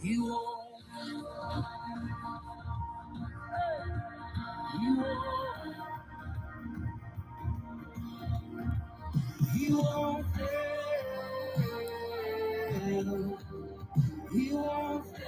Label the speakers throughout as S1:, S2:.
S1: You are, you are, you are fair. You are fair.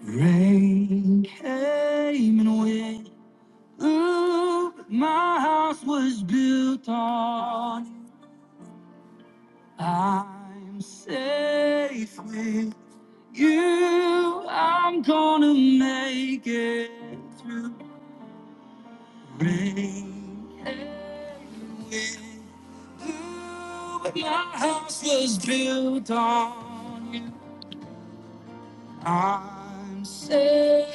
S1: Rain came and went. Ooh, my house was built on. I'm safe with you. I'm gonna make it through. my house was built on you. I'm safe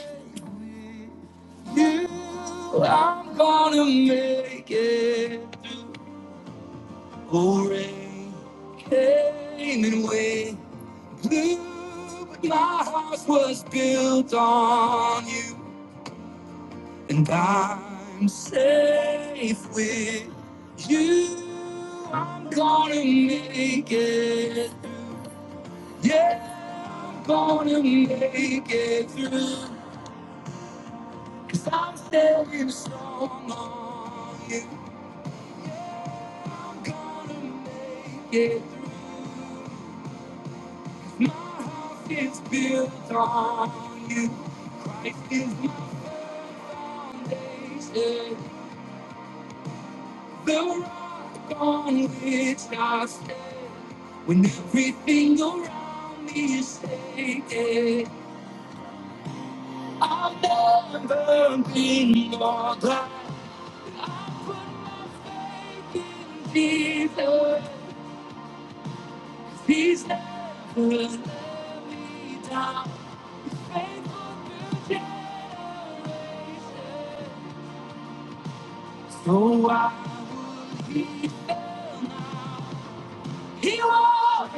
S1: with you. I'm gonna make it through. Oh, rain came and went blew, but my house was built on you. and I'm safe with you. I'm gonna make it through. Yeah, I'm gonna make it through. i I'm standing strong on you. I'm gonna make it through. My house is built on you. Christ is my foundation. The rock on which I stand when everything around me is shaking. I've never been more glad. I put my faith in Jesus. He's never let me down. He's Faithful through generations. So I would be found. now. He walked.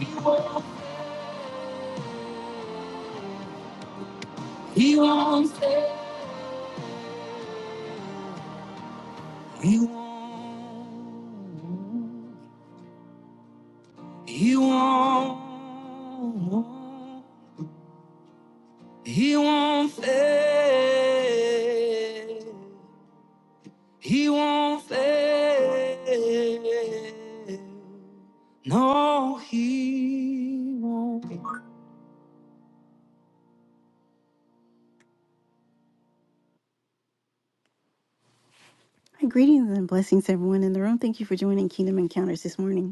S1: He won't, fail. he won't fail. He won't, he won't, he won't fail. He won't fail. No, he won't. Greetings and blessings, everyone in the room. Thank you for joining Kingdom Encounters this morning.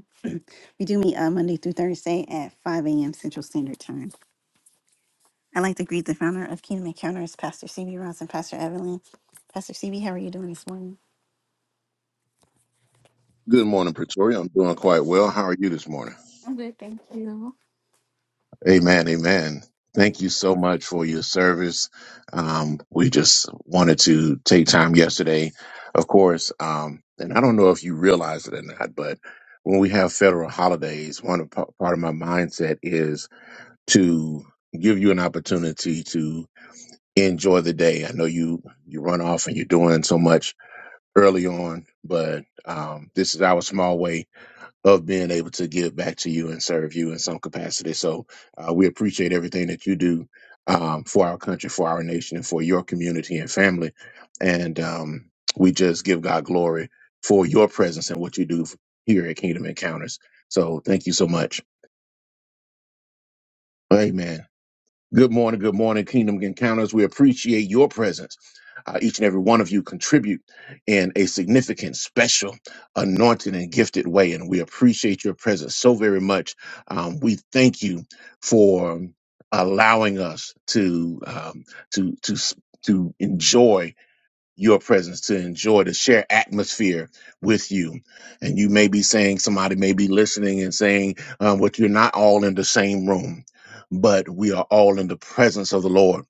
S1: We do meet uh, Monday through Thursday at 5 a.m. Central Standard Time. I'd like to greet the founder of Kingdom Encounters, Pastor CB Ross and Pastor Evelyn. Pastor CB, how are you doing this morning?
S2: Good morning, Pretoria. I'm doing quite well. How are you this morning?
S1: I'm good, thank you.
S2: Amen. Amen. Thank you so much for your service. Um, we just wanted to take time yesterday, of course. Um, and I don't know if you realize it or not, but when we have federal holidays, one of, part of my mindset is to give you an opportunity to enjoy the day. I know you you run off and you're doing so much early on, but um, this is our small way of being able to give back to you and serve you in some capacity. So uh, we appreciate everything that you do um, for our country, for our nation, and for your community and family. And um, we just give God glory for your presence and what you do here at Kingdom Encounters. So thank you so much. Amen. Good morning, good morning, Kingdom Encounters. We appreciate your presence. Uh, each and every one of you contribute in a significant, special, anointed, and gifted way, and we appreciate your presence so very much. Um, we thank you for allowing us to um, to to s- to enjoy your presence to enjoy to share atmosphere with you and you may be saying somebody may be listening and saying um, what you're not all in the same room but we are all in the presence of the lord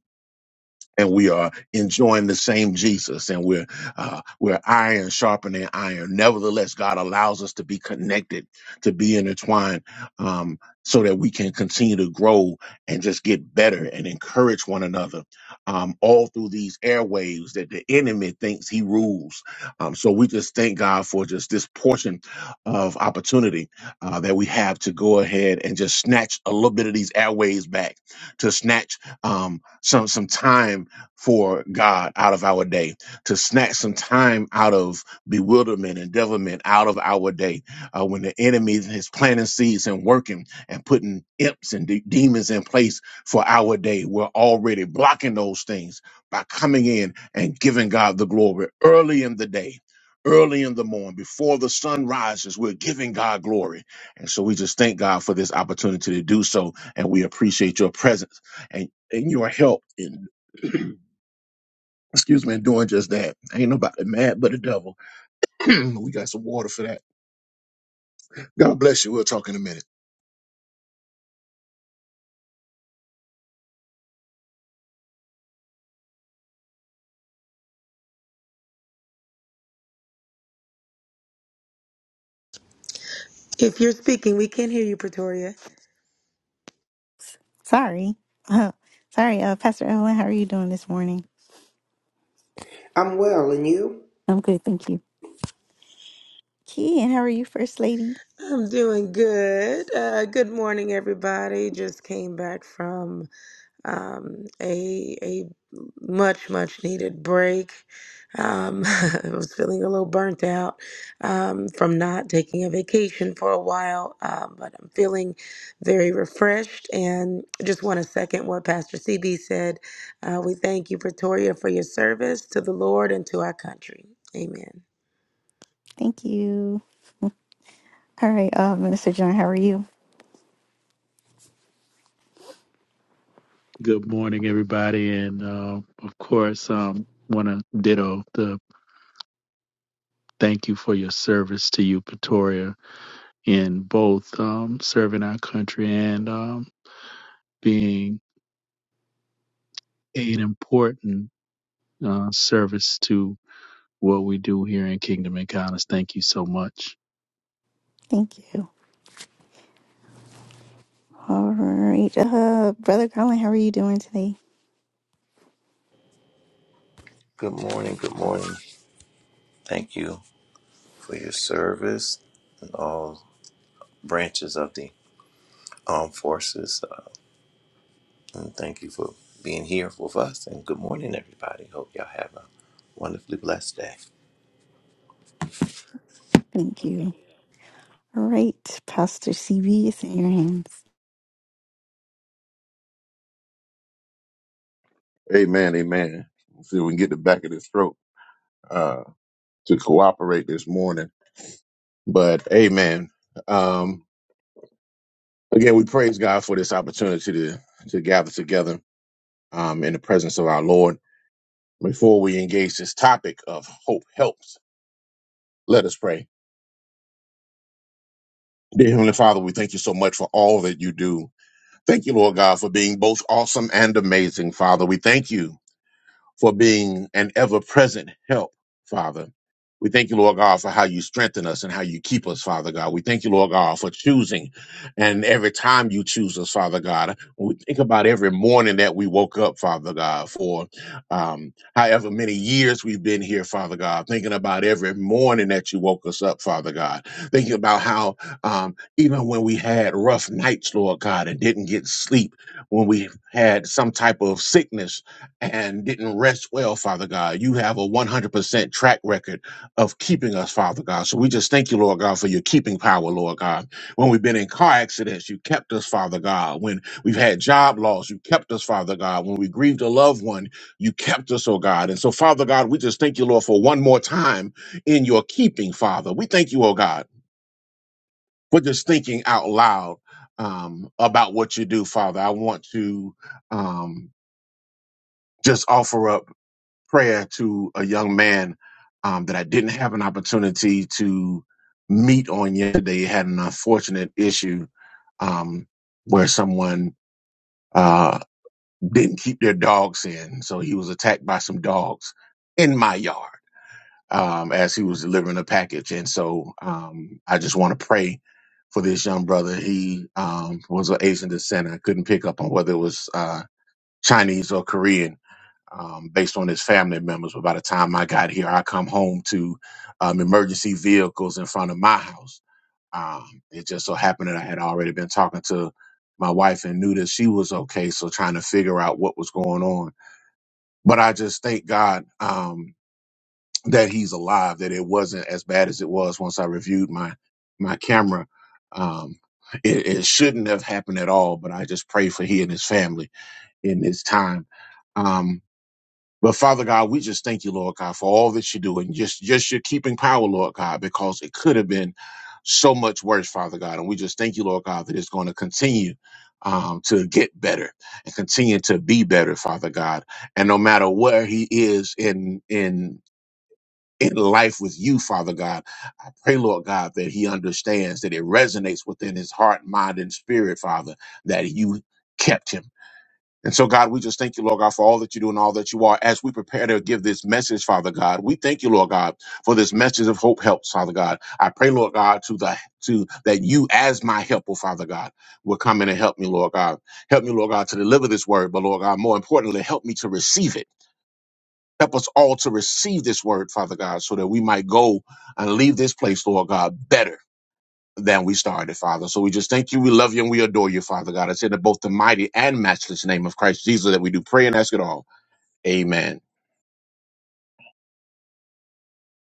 S2: and we are enjoying the same Jesus, and we're uh, we're iron sharpening iron. Nevertheless, God allows us to be connected, to be intertwined, um, so that we can continue to grow and just get better and encourage one another, um, all through these airwaves that the enemy thinks he rules. Um, so we just thank God for just this portion of opportunity uh, that we have to go ahead and just snatch a little bit of these airwaves back, to snatch um, some some time for God out of our day, to snatch some time out of bewilderment and devilment out of our day, uh, when the enemy is planting seeds and working and putting imps and de- demons in place for our day. We're already blocking those things by coming in and giving God the glory early in the day. Early in the morning, before the sun rises, we're giving God glory. And so we just thank God for this opportunity to do so. And we appreciate your presence and, and your help in excuse me, and doing just that. Ain't nobody mad but the devil. we got some water for that. God bless you. We'll talk in a minute.
S3: If you're speaking, we can not hear you, Pretoria.
S1: Sorry. Oh, sorry, uh, Pastor Evelyn, how are you doing this morning?
S4: I'm well, and you?
S1: I'm good, thank you. Key, and how are you, First Lady?
S3: I'm doing good. Uh, good morning, everybody. Just came back from um, a a much much needed break. Um, I was feeling a little burnt out um, from not taking a vacation for a while, um, but I'm feeling very refreshed. And just want to second what Pastor CB said. Uh, we thank you, Pretoria, for your service to the Lord and to our country. Amen.
S1: Thank you. All right, uh, Minister John, how are you?
S5: Good morning, everybody, and uh, of course, um, want to ditto the thank you for your service to you, Pretoria, in both um, serving our country and um, being an important uh, service to what we do here in Kingdom Encounters. Thank you so much.
S1: Thank you. All right, uh, Brother Garland, how are you doing today?
S6: Good morning. Good morning. Thank you for your service and all branches of the armed forces. Uh, and thank you for being here with us. And good morning, everybody. Hope y'all have a wonderfully blessed day.
S1: Thank you. All right, Pastor CB, it's in your hands.
S2: Amen, amen. Let's see if we can get the back of this throat uh, to cooperate this morning. But amen. Um, again, we praise God for this opportunity to, to gather together um, in the presence of our Lord. Before we engage this topic of hope helps, let us pray. Dear Heavenly Father, we thank you so much for all that you do. Thank you, Lord God, for being both awesome and amazing, Father. We thank you. for being an ever present help, Father. We thank you, Lord God, for how you strengthen us and how you keep us, Father God. We thank you, Lord God, for choosing. And every time you choose us, Father God, we think about every morning that we woke up, Father God, for um, however many years we've been here, Father God, thinking about every morning that you woke us up, Father God, thinking about how um, even when we had rough nights, Lord God, and didn't get sleep, when we had some type of sickness, and didn't rest well, Father God. You have a 100% track record of keeping us, Father God. So we just thank you, Lord God, for your keeping power, Lord God. When we've been in car accidents, you kept us, Father God. When we've had job loss, you kept us, Father God. When we grieved a loved one, you kept us, oh God. And so, Father God, we just thank you, Lord, for one more time in your keeping, Father. We thank you, oh God, for just thinking out loud um, about what you do, Father. I want to um, just offer up prayer to a young man um, that I didn't have an opportunity to meet on yesterday. He had an unfortunate issue um, where someone uh, didn't keep their dogs in, so he was attacked by some dogs in my yard um, as he was delivering a package. And so um, I just want to pray for this young brother. He um, was of Asian descent. I couldn't pick up on whether it was uh, Chinese or Korean um, based on his family members. But by the time I got here, I come home to um, emergency vehicles in front of my house. Um, it just so happened that I had already been talking to my wife and knew that she was okay. So trying to figure out what was going on. But I just thank God um, that he's alive, that it wasn't as bad as it was once I reviewed my my camera. Um, it, it shouldn't have happened at all, but I just pray for he and his family in this time. Um, but Father God, we just thank you, Lord God, for all that you do and just, just your keeping power, Lord God, because it could have been so much worse, Father God. And we just thank you, Lord God, that it's going to continue um, to get better and continue to be better, Father God. And no matter where he is in, in, in life with you, Father God, I pray, Lord God, that he understands that it resonates within his heart, mind, and spirit, Father, that you kept him and so, God, we just thank you, Lord God, for all that you do and all that you are. As we prepare to give this message, Father God, we thank you, Lord God, for this message of hope helps, Father God. I pray, Lord God, to the to that you, as my helper, Father God, will come in and help me, Lord God. Help me, Lord God, to deliver this word, but Lord God, more importantly, help me to receive it. Help us all to receive this word, Father God, so that we might go and leave this place, Lord God, better than we started, Father. So we just thank you. We love you and we adore you, Father God. It's in the both the mighty and matchless name of Christ Jesus that we do pray and ask it all. Amen.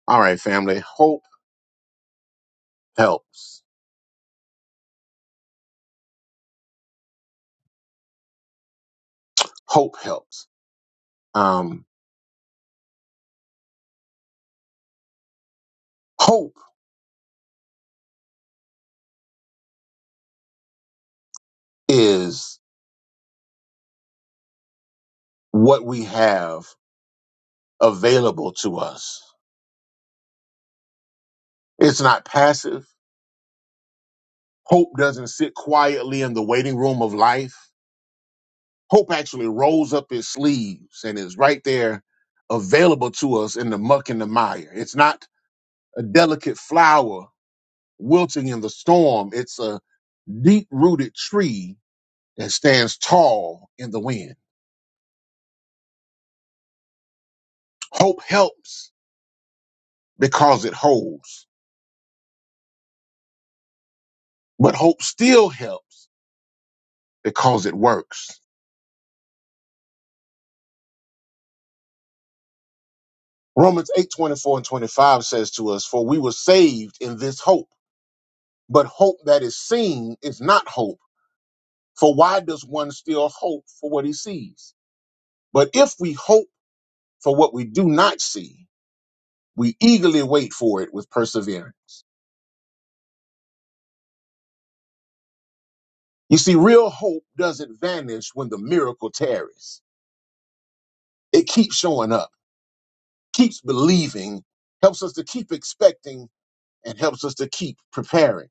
S2: All right, family. Hope helps. Hope helps. Um, hope is what we have available to us. It's not passive. Hope doesn't sit quietly in the waiting room of life. Hope actually rolls up its sleeves and is right there available to us in the muck and the mire. It's not a delicate flower wilting in the storm. It's a deep rooted tree that stands tall in the wind. Hope helps because it holds, but hope still helps because it works. Romans eight twenty-four and 25 says to us, For we were saved in this hope, but hope that is seen is not hope. For why does one still hope for what he sees? But if we hope for what we do not see, we eagerly wait for it with perseverance. You see, real hope doesn't vanish when the miracle tarries. It keeps showing up, keeps believing, helps us to keep expecting, and helps us to keep preparing.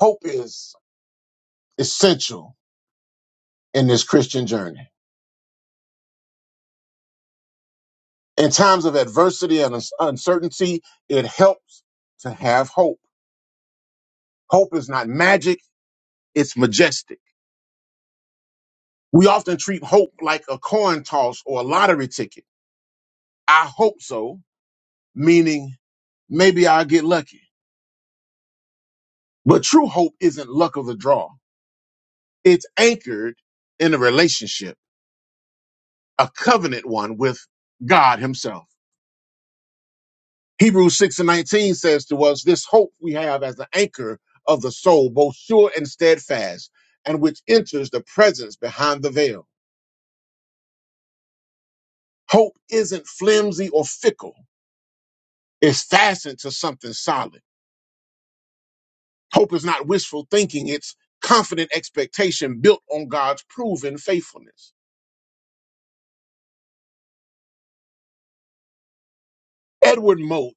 S2: Hope is essential in this Christian journey. In times of adversity and uns- uncertainty, it helps to have hope. Hope is not magic, it's majestic. We often treat hope like a coin toss or a lottery ticket. I hope so, meaning maybe I'll get lucky. But true hope isn't luck of the draw. It's anchored in a relationship, a covenant one with God himself. Hebrews 6 and 19 says to us, this hope we have as the anchor of the soul, both sure and steadfast, and which enters the presence behind the veil. Hope isn't flimsy or fickle. It's fastened to something solid. Hope is not wishful thinking. It's confident expectation built on God's proven faithfulness. Edward Mote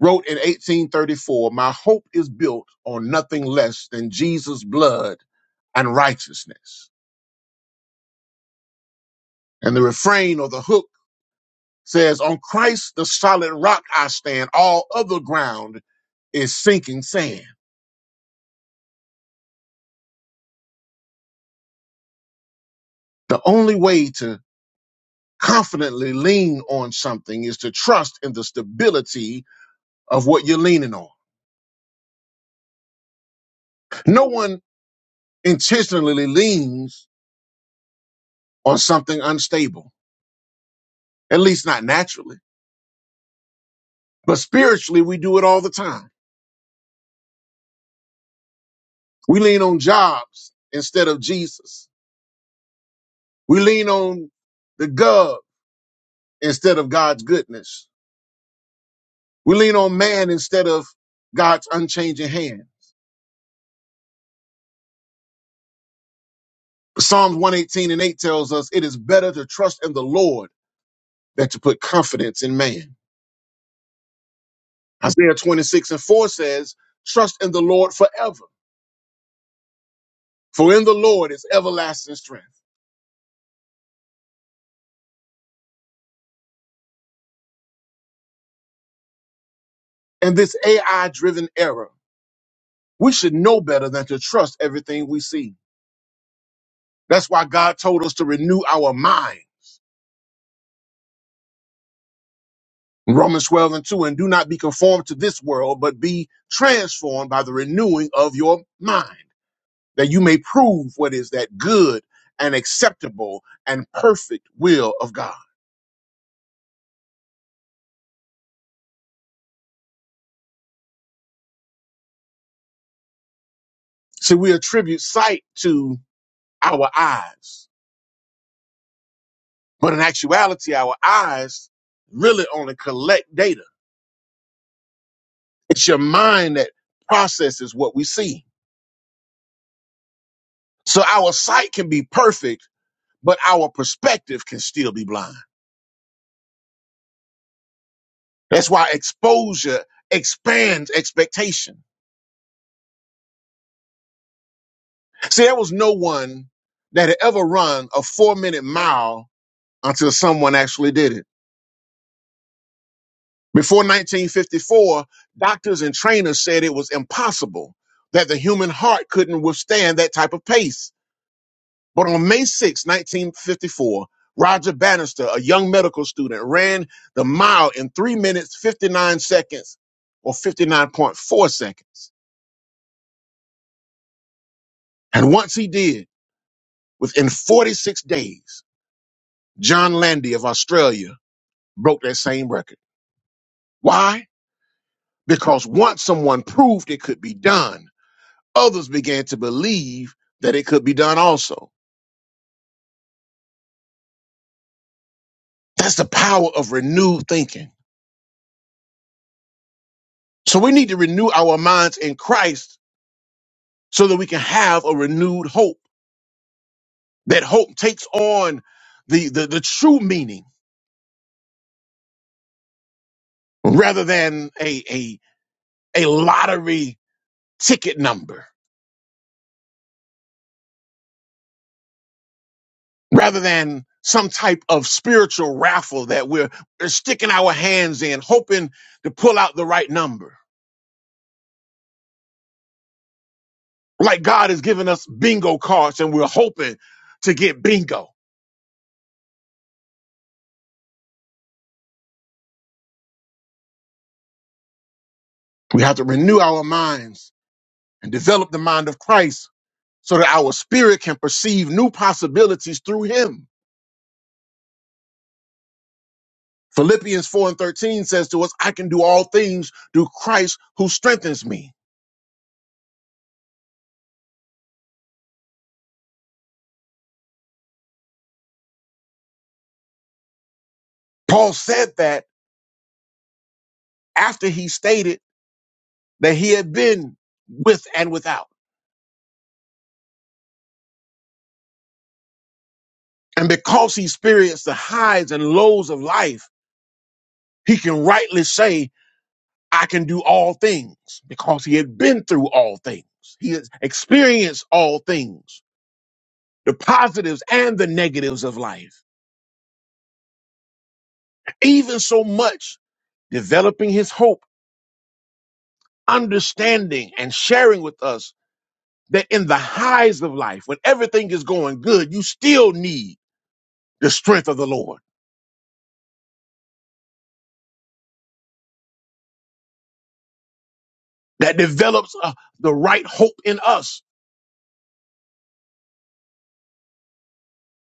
S2: wrote in 1834 My hope is built on nothing less than Jesus' blood and righteousness. And the refrain or the hook says, On Christ, the solid rock I stand, all other ground is sinking sand. The only way to confidently lean on something is to trust in the stability of what you're leaning on. No one intentionally leans on something unstable, at least not naturally, but spiritually, we do it all the time. We lean on jobs instead of Jesus. We lean on the gov instead of God's goodness. We lean on man instead of God's unchanging hand. Psalms 118 and 8 tells us it is better to trust in the Lord than to put confidence in man. Isaiah 26 and 4 says, Trust in the Lord forever, for in the Lord is everlasting strength. In this AI driven era, we should know better than to trust everything we see. That's why God told us to renew our mind Romans 12 and 2, and do not be conformed to this world, but be transformed by the renewing of your mind, that you may prove what is that good and acceptable and perfect will of God. See, we attribute sight to our eyes, but in actuality, our eyes really only collect data. It's your mind that processes what we see. So our sight can be perfect, but our perspective can still be blind. That's why exposure expands expectation. See, there was no one that had ever run a four minute mile until someone actually did it. Before 1954, doctors and trainers said it was impossible that the human heart couldn't withstand that type of pace. But on May 6, 1954, Roger Bannister, a young medical student, ran the mile in three minutes, 59 seconds or 59.4 seconds. And once he did, Within 46 days, John Landy of Australia broke that same record. Why? Because once someone proved it could be done, others began to believe that it could be done also. That's the power of renewed thinking. So we need to renew our minds in Christ so that we can have a renewed hope. That hope takes on the, the, the true meaning rather than a, a, a lottery ticket number rather than some type of spiritual raffle that we're, we're sticking our hands in, hoping to pull out the right number. Like God has given us bingo cards and we're hoping to get bingo. We have to renew our minds and develop the mind of Christ so that our spirit can perceive new possibilities through him. Philippians 4 and 13 says to us, I can do all things through Christ who strengthens me. Paul said that after he stated that he had been with and without. And because he experienced the highs and lows of life, he can rightly say, I can do all things because he had been through all things. He has experienced all things, the positives and the negatives of life. Even so much developing his hope, understanding and sharing with us that in the highs of life, when everything is going good, you still need the strength of the Lord that develops uh, the right hope in us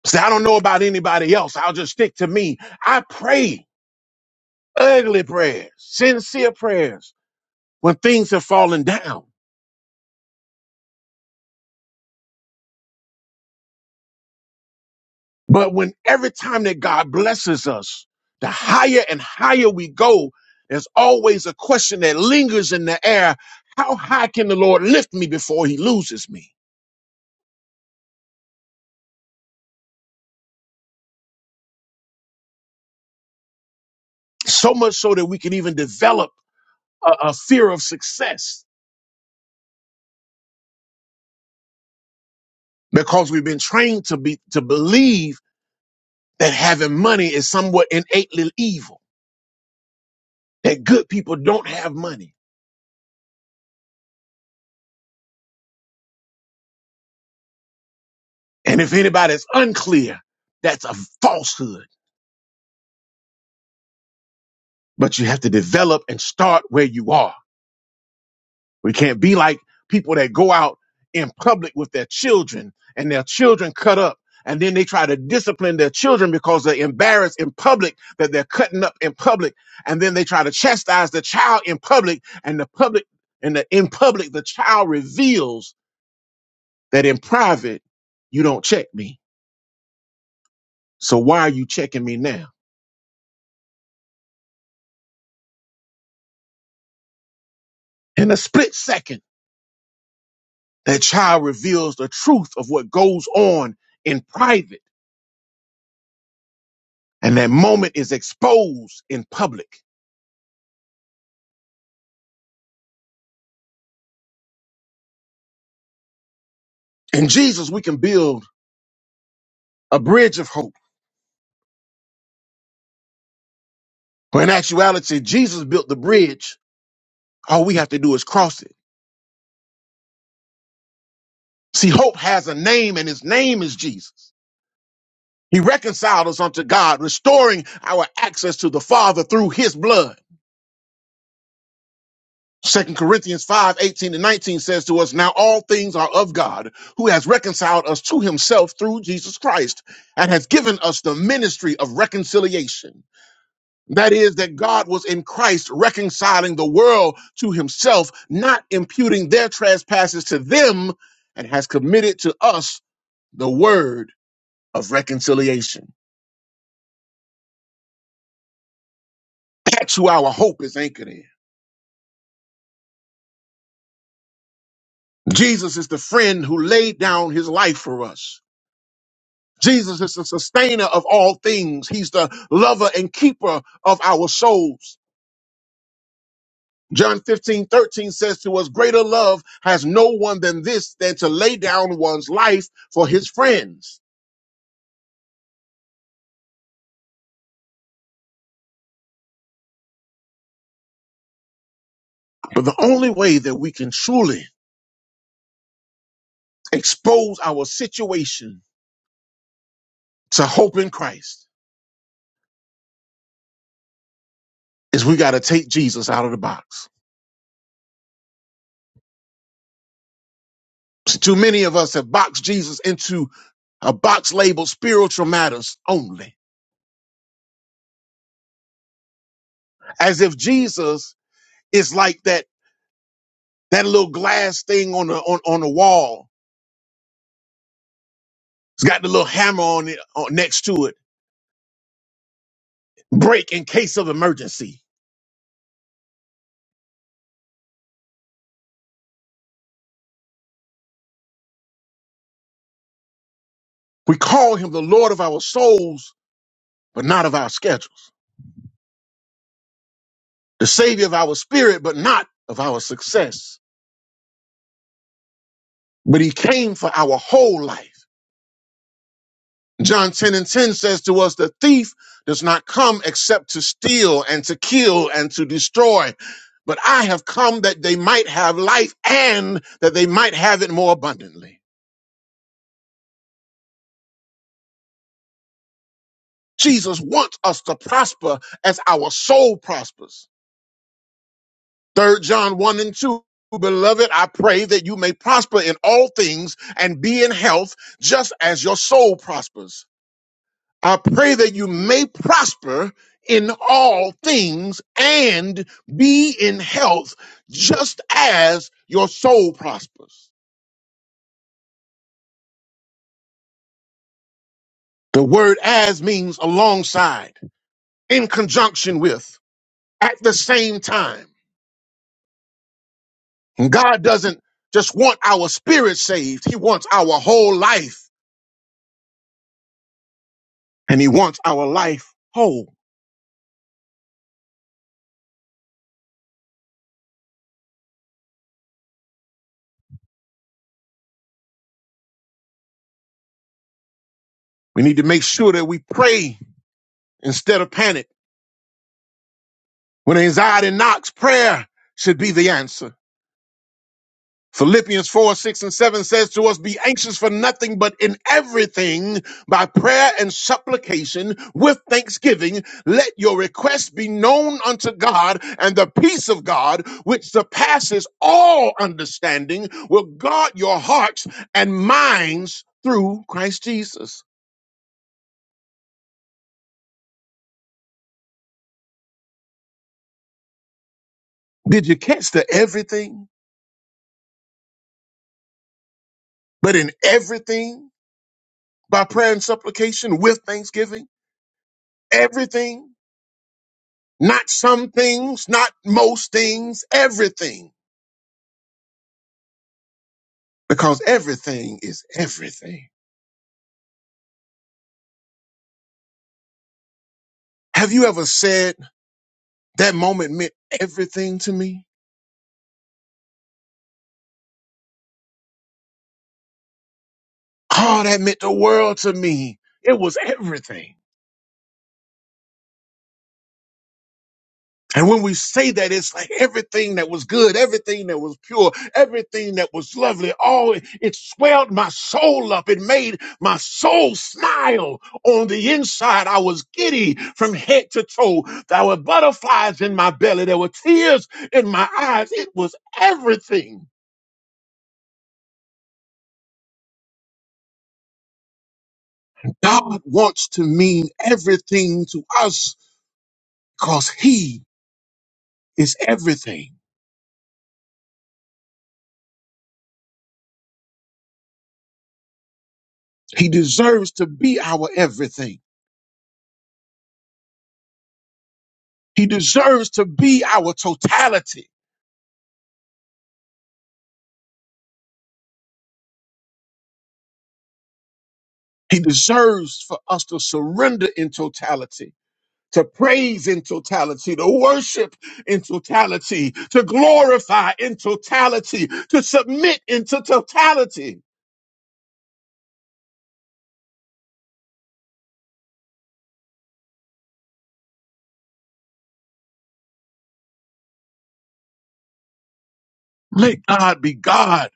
S2: Say, I don't know about anybody else. I'll just stick to me. I pray ugly prayers, sincere prayers when things have fallen down. But when every time that God blesses us, the higher and higher we go, there's always a question that lingers in the air. How high can the Lord lift me before he loses me? So much so that we can even develop a, a fear of success because we've been trained to be, to believe that having money is somewhat innately evil that good people don't have money. And if anybody's unclear, that's a falsehood. But you have to develop and start where you are. We can't be like people that go out in public with their children and their children cut up. And then they try to discipline their children because they're embarrassed in public that they're cutting up in public. And then they try to chastise the child in public and the public and the, in public, the child reveals that in private, you don't check me. So why are you checking me now? In a split second, that child reveals the truth of what goes on in private, and that moment is exposed in public. In Jesus, we can build a bridge of hope. But in actuality, Jesus built the bridge. All we have to do is cross it. See, hope has a name, and his name is Jesus. He reconciled us unto God, restoring our access to the Father through his blood. Second Corinthians 5:18 and 19 says to us, Now all things are of God, who has reconciled us to himself through Jesus Christ, and has given us the ministry of reconciliation. That is, that God was in Christ reconciling the world to himself, not imputing their trespasses to them, and has committed to us the word of reconciliation. That's who our hope is anchored in. Jesus is the friend who laid down his life for us. Jesus is the sustainer of all things. He's the lover and keeper of our souls. John 15 13 says to us, greater love has no one than this, than to lay down one's life for his friends. But the only way that we can truly expose our situation to hope in Christ is we got to take Jesus out of the box. See, Too many of us have boxed Jesus into a box labeled spiritual matters only, as if Jesus is like that That little glass thing on the on, on the wall. It's got the little hammer on it on, next to it. Break in case of emergency. We call him the Lord of our souls, but not of our schedules. The Savior of our spirit, but not of our success. But he came for our whole life. John 10 and 10 says to us, the thief does not come except to steal and to kill and to destroy. But I have come that they might have life and that they might have it more abundantly. Jesus wants us to prosper as our soul prospers. Third John 1 and 2. Beloved, I pray that you may prosper in all things and be in health just as your soul prospers. I pray that you may prosper in all things and be in health just as your soul prospers. The word as means alongside, in conjunction with, at the same time. And God doesn't just want our spirit saved. He wants our whole life and he wants our life whole. We need to make sure that we pray instead of panic. When anxiety knocks, prayer should be the answer. Philippians 4, 6, and 7 says to us, Be anxious for nothing, but in everything, by prayer and supplication, with thanksgiving, let your requests be known unto God, and the peace of God, which surpasses all understanding, will guard your hearts and minds through Christ Jesus. Did you catch the everything? But in everything, by prayer and supplication, with thanksgiving, everything. Not some things, not most things, everything, because everything is everything. Have you ever said that moment meant everything to me? Oh, that meant the world to me. It was everything. And when we say that, it's like everything that was good, everything that was pure, everything that was lovely, all it it swelled my soul up. It made my soul smile on the inside. I was giddy from head to toe. There were butterflies in my belly. There were tears in my eyes. It was everything. God wants to mean everything to us because He is everything. He deserves to be our everything. He deserves to be our totality. He deserves for us to surrender in totality, to praise in totality, to worship in totality, to glorify in totality, to submit into totality. Let God be God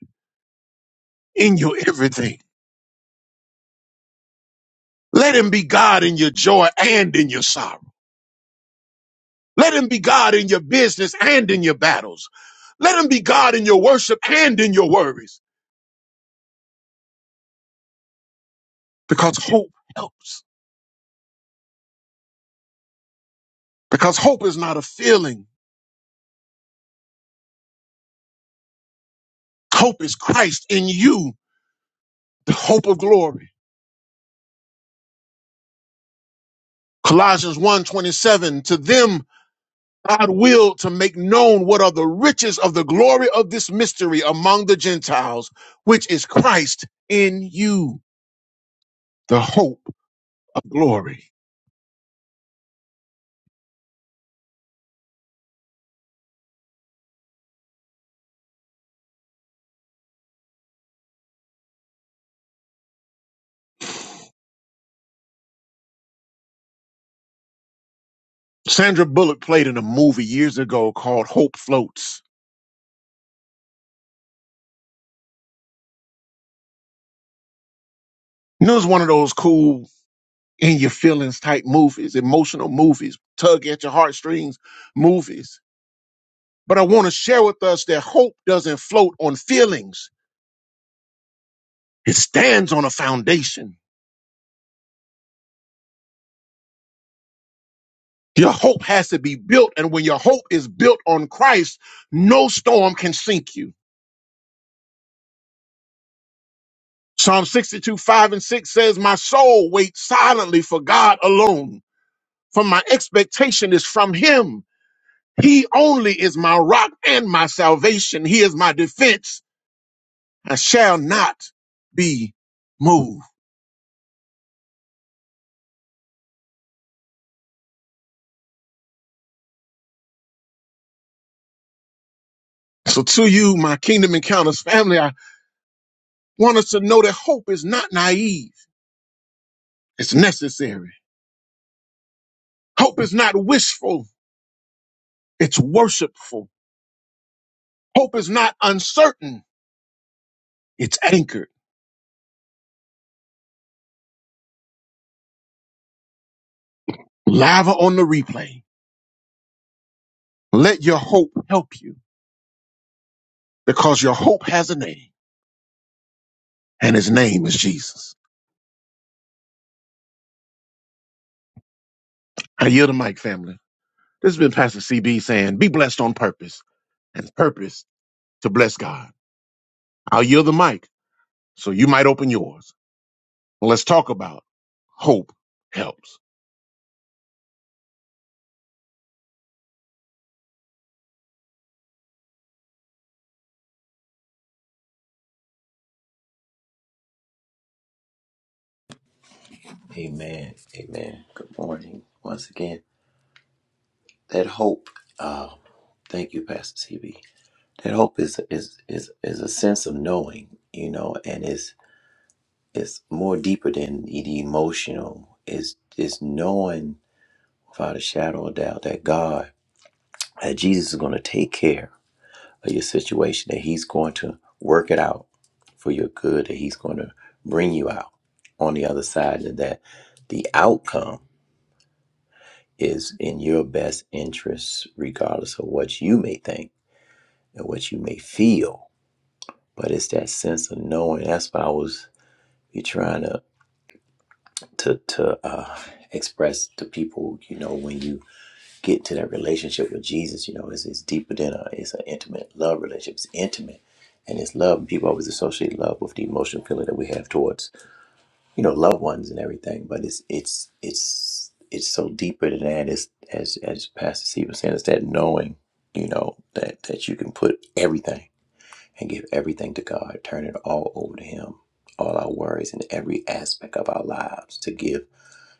S2: in your everything. Let him be God in your joy and in your sorrow. Let him be God in your business and in your battles. Let him be God in your worship and in your worries because hope helps. because hope is not a feeling. Hope is Christ in you, the hope of glory. Colossians one twenty seven. to them God willed to make known what are the riches of the glory of this mystery among the Gentiles, which is Christ in you, the hope of glory. Sandra Bullock played in a movie years ago called Hope Floats. And it was one of those cool in your feelings type movies, emotional movies, tug at your heartstrings movies But I want to share with us that hope doesn't float on feelings. It stands on a foundation. Your hope has to be built. And when your hope is built on Christ, no storm can sink you. Psalm 62, 5 and 6 says, My soul waits silently for God alone, for my expectation is from him. He only is my rock and my salvation. He is my defense. I shall not be moved. So to you, my Kingdom Encounters family, I. want us to know that hope is not naive, it's necessary. Hope is not wishful, it's worshipful. Hope is not uncertain, it's anchored. Live on the replay. Let your hope help you because your hope has a name, and his name is Jesus. I yield the mic, family. This has been Pastor CB saying, Be blessed on purpose and purpose to bless God. I'll yield the mic so you might open yours. Let's talk about hope helps.
S6: Amen. Amen. Good morning. Once again, that hope. Uh, thank you, Pastor CB. That hope is is is is a sense of knowing, you know, and it's it's more deeper than the emotional. It's it's knowing without a shadow of doubt that God, that Jesus is going to take care of your situation, that He's going to work it out for your good, that He's going to bring you out on the other side, and that the outcome is in your best interest, regardless of what you may think and what you may feel. But it's that sense of knowing. That's what I was be trying to to to uh, express to people. You know, when you get into that relationship with Jesus, you know, it's, it's deeper than a, it's an intimate love relationship. It's intimate. And it's love. People always associate love with the emotional feeling that we have towards, you know, loved ones and everything. But it's, it's, it's, it's so deeper than that. It's, as, as Pastor C was saying, it's that knowing, you know, that, that you can put everything and give everything to God, turn it all over to Him, all our worries and every aspect of our lives to give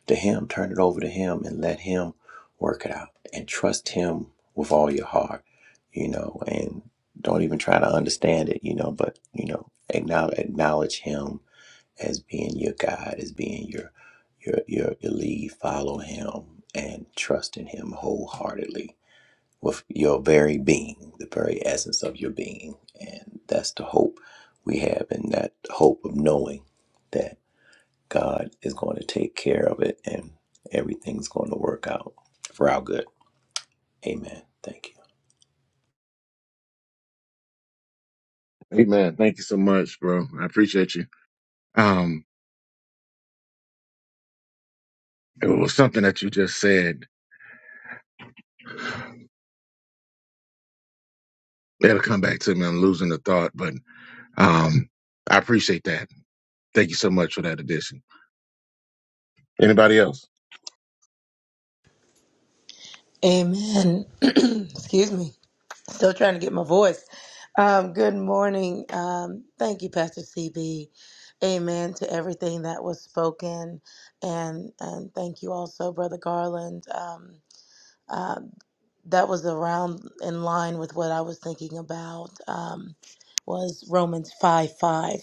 S6: to Him. Turn it over to Him and let Him work it out and trust Him with all your heart, you know, and don't even try to understand it, you know, but, you know, acknowledge, acknowledge Him as being your guide, as being your, your, your, your lead. Follow Him and trust in Him wholeheartedly with your very being, the very essence of your being. And that's the hope we have, and that hope of knowing that. God is going to take care of it and everything's going to work out for our good. Amen. Thank you.
S2: Amen. Thank you so much, bro. I appreciate you. Um, it was something that you just said. It'll come back to me. I'm losing the thought, but um, I appreciate that. Thank you so much for that addition. Anybody else?
S3: Amen. Excuse me. Still trying to get my voice. Um, good morning. Um, thank you, Pastor CB. Amen to everything that was spoken, and and thank you also, Brother Garland. Um, uh, that was around in line with what I was thinking about. Um, was Romans five five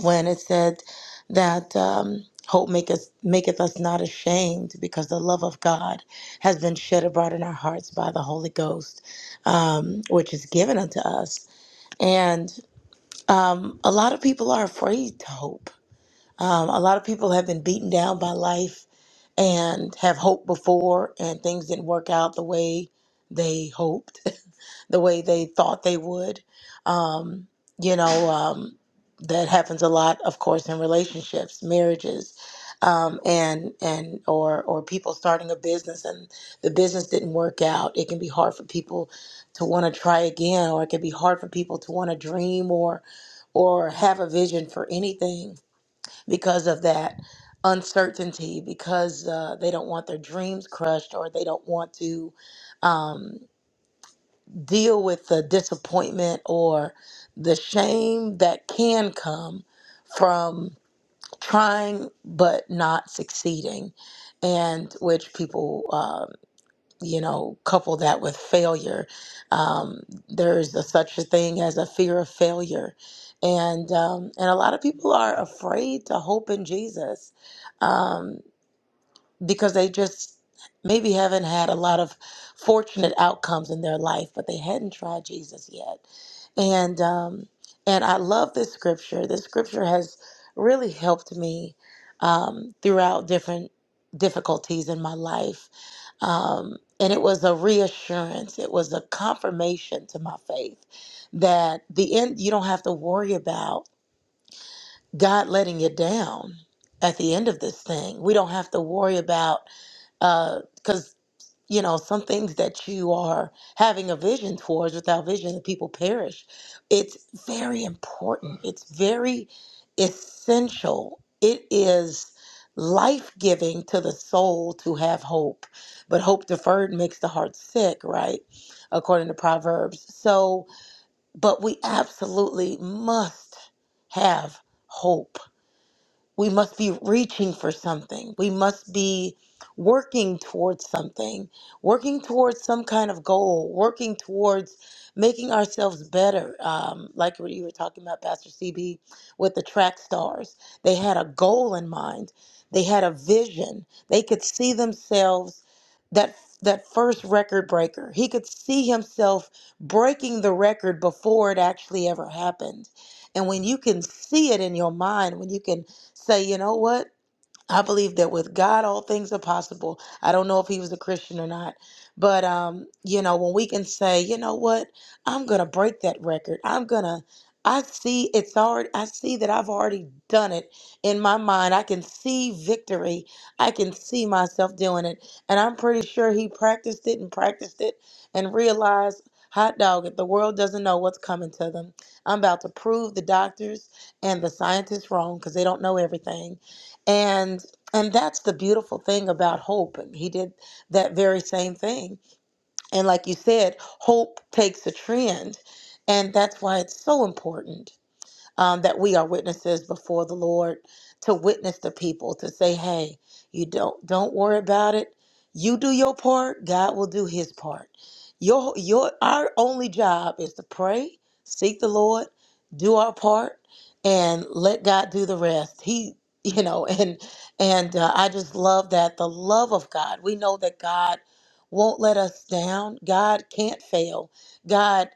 S3: when it said that um, hope maketh, maketh us not ashamed because the love of God has been shed abroad in our hearts by the Holy Ghost, um, which is given unto us. And um, a lot of people are afraid to hope. Um, a lot of people have been beaten down by life and have hoped before and things didn't work out the way they hoped the way they thought they would um, you know um, that happens a lot of course in relationships marriages um, and and or or people starting a business and the business didn't work out it can be hard for people to want to try again or it can be hard for people to want to dream or or have a vision for anything because of that uncertainty, because uh, they don't want their dreams crushed or they don't want to um, deal with the disappointment or the shame that can come from trying but not succeeding, and which people. uh, you know, couple that with failure. Um, there's a, such a thing as a fear of failure, and um, and a lot of people are afraid to hope in Jesus. Um, because they just maybe haven't had a lot of fortunate outcomes in their life, but they hadn't tried Jesus yet. And um, and I love this scripture. This scripture has really helped me um, throughout different difficulties in my life. Um, and it was a reassurance. It was a confirmation to my faith that the end. You don't have to worry about God letting you down at the end of this thing. We don't have to worry about because you know some things that you are having a vision towards without vision the people perish it's very important it's very essential it is life-giving to the soul to have hope but hope deferred makes the heart sick right according to proverbs so but we absolutely must have hope we must be reaching for something. We must be working towards something, working towards some kind of goal, working towards making ourselves better. Um, like what you were talking about, Pastor CB, with the track stars. They had a goal in mind, they had a vision. They could see themselves that. That first record breaker. He could see himself breaking the record before it actually ever happened. And when you can see it in your mind, when you can say, you know what? I believe that with God, all things are possible. I don't know if he was a Christian or not, but um, you know, when we can say, you know what, I'm gonna break that record. I'm gonna. I see it's already. I see that I've already done it in my mind. I can see victory. I can see myself doing it, and I'm pretty sure he practiced it and practiced it and realized. Hot dog, if the world doesn't know what's coming to them, I'm about to prove the doctors and the scientists wrong because they don't know everything and and that's the beautiful thing about hope and he did that very same thing and like you said hope takes a trend and that's why it's so important um, that we are witnesses before the Lord to witness the people to say, "Hey, you don't don't worry about it. You do your part. God will do His part. Your your our only job is to pray, seek the Lord, do our part, and let God do the rest. He." You know, and and uh, I just love that the love of God. We know that God won't let us down. God can't fail. God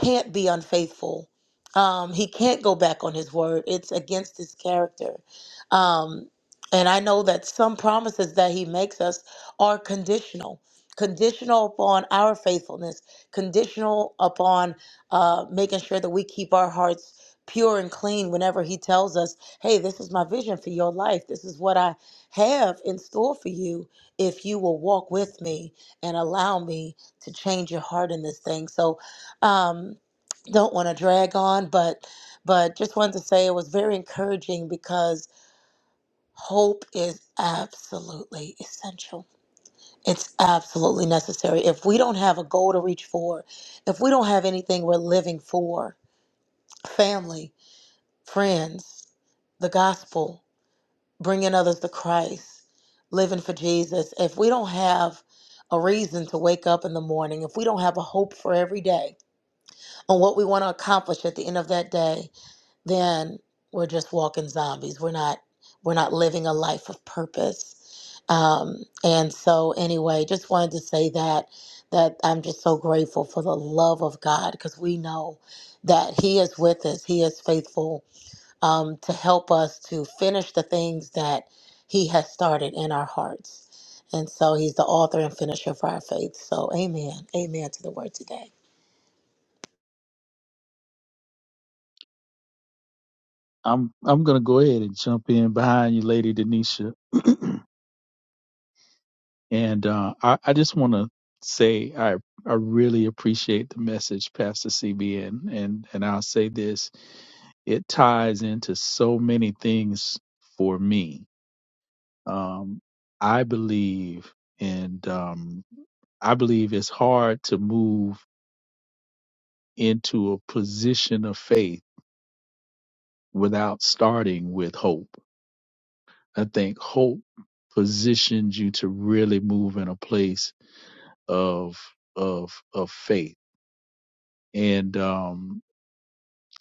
S3: can't be unfaithful um, he can't go back on his word. It's against his character. Um, and I know that some promises that he makes us are conditional, conditional upon our faithfulness, conditional upon uh, making sure that we keep our hearts pure and clean whenever he tells us, hey, this is my vision for your life. This is what I have in store for you if you will walk with me and allow me to change your heart in this thing. So, um, don't want to drag on, but but just wanted to say it was very encouraging because hope is absolutely essential. It's absolutely necessary. If we don't have a goal to reach for, if we don't have anything we're living for, family, friends, the gospel, bringing others to Christ, living for Jesus, if we don't have a reason to wake up in the morning, if we don't have a hope for every day on what we want to accomplish at the end of that day, then we're just walking zombies. We're not we're not living a life of purpose. Um, and so anyway, just wanted to say that that I'm just so grateful for the love of God because we know that He is with us. He is faithful um, to help us to finish the things that He has started in our hearts. And so He's the author and finisher of our faith. So Amen. Amen to the word today.
S5: I'm I'm gonna go ahead and jump in behind you, Lady Denisha. And uh, I, I just want to say I I really appreciate the message, Pastor CB, and and and I'll say this: it ties into so many things for me. Um, I believe, and um, I believe it's hard to move into a position of faith without starting with hope. I think hope positions you to really move in a place of of of faith And um,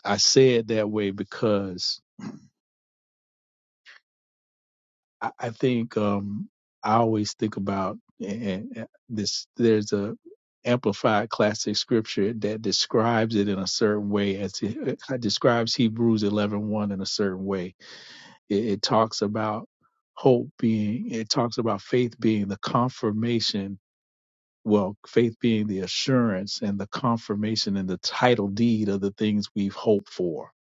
S5: I say it that way because I, I think um, I always think about and, and this. There's a amplified classic scripture that describes it in a certain way, as it, it describes Hebrews 11:1 in a certain way. It, it talks about hope being. It talks about faith being the confirmation. Well, faith being the assurance and the confirmation and the title deed of the things we've hoped for.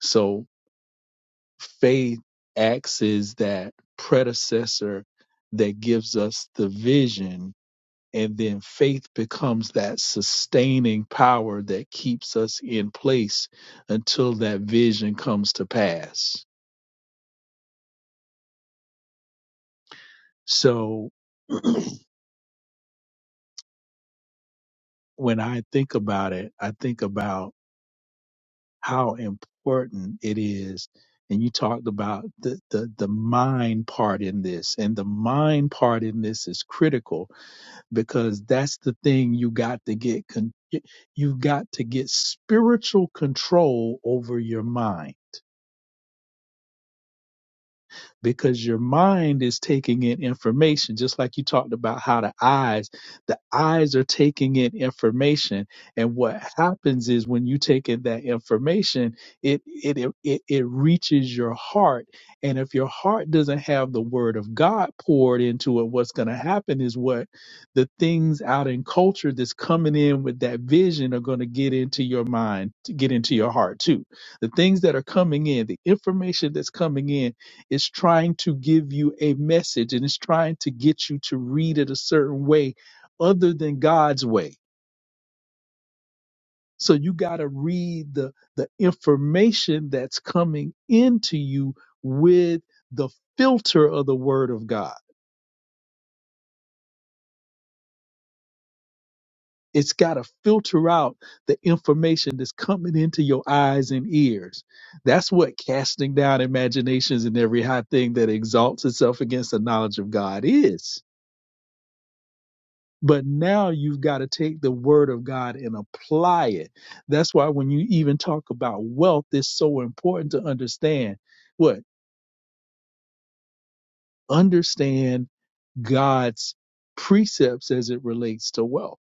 S5: So faith acts as that predecessor that gives us the vision and then faith becomes that sustaining power that keeps us in place until that vision comes to pass so when i think about it i think about how important it is and you talked about the, the the mind part in this and the mind part in this is critical because that's the thing you got to get. Con- you got to get spiritual control over your mind because your mind is taking in information just like you talked about how the eyes the eyes are taking in information and what happens is when you take in that information it it it, it it reaches your heart and if your heart doesn't have the word of god poured into it what's going to happen is what the things out in culture that's coming in with that vision are going to get into your mind to get into your heart too the things that are coming in the information that's coming in is trying to give you a message and it's trying to get you to read it a certain way other than God's way. So you got to read the the information that's coming into you with the filter of the word of God. It's got to filter out the information that's coming into your eyes and ears. That's what casting down imaginations and every high thing that exalts itself against the knowledge of God is But now you've got to take the word of God and apply it. That's why when you even talk about wealth, it's so important to understand what? Understand God's precepts as it relates to wealth.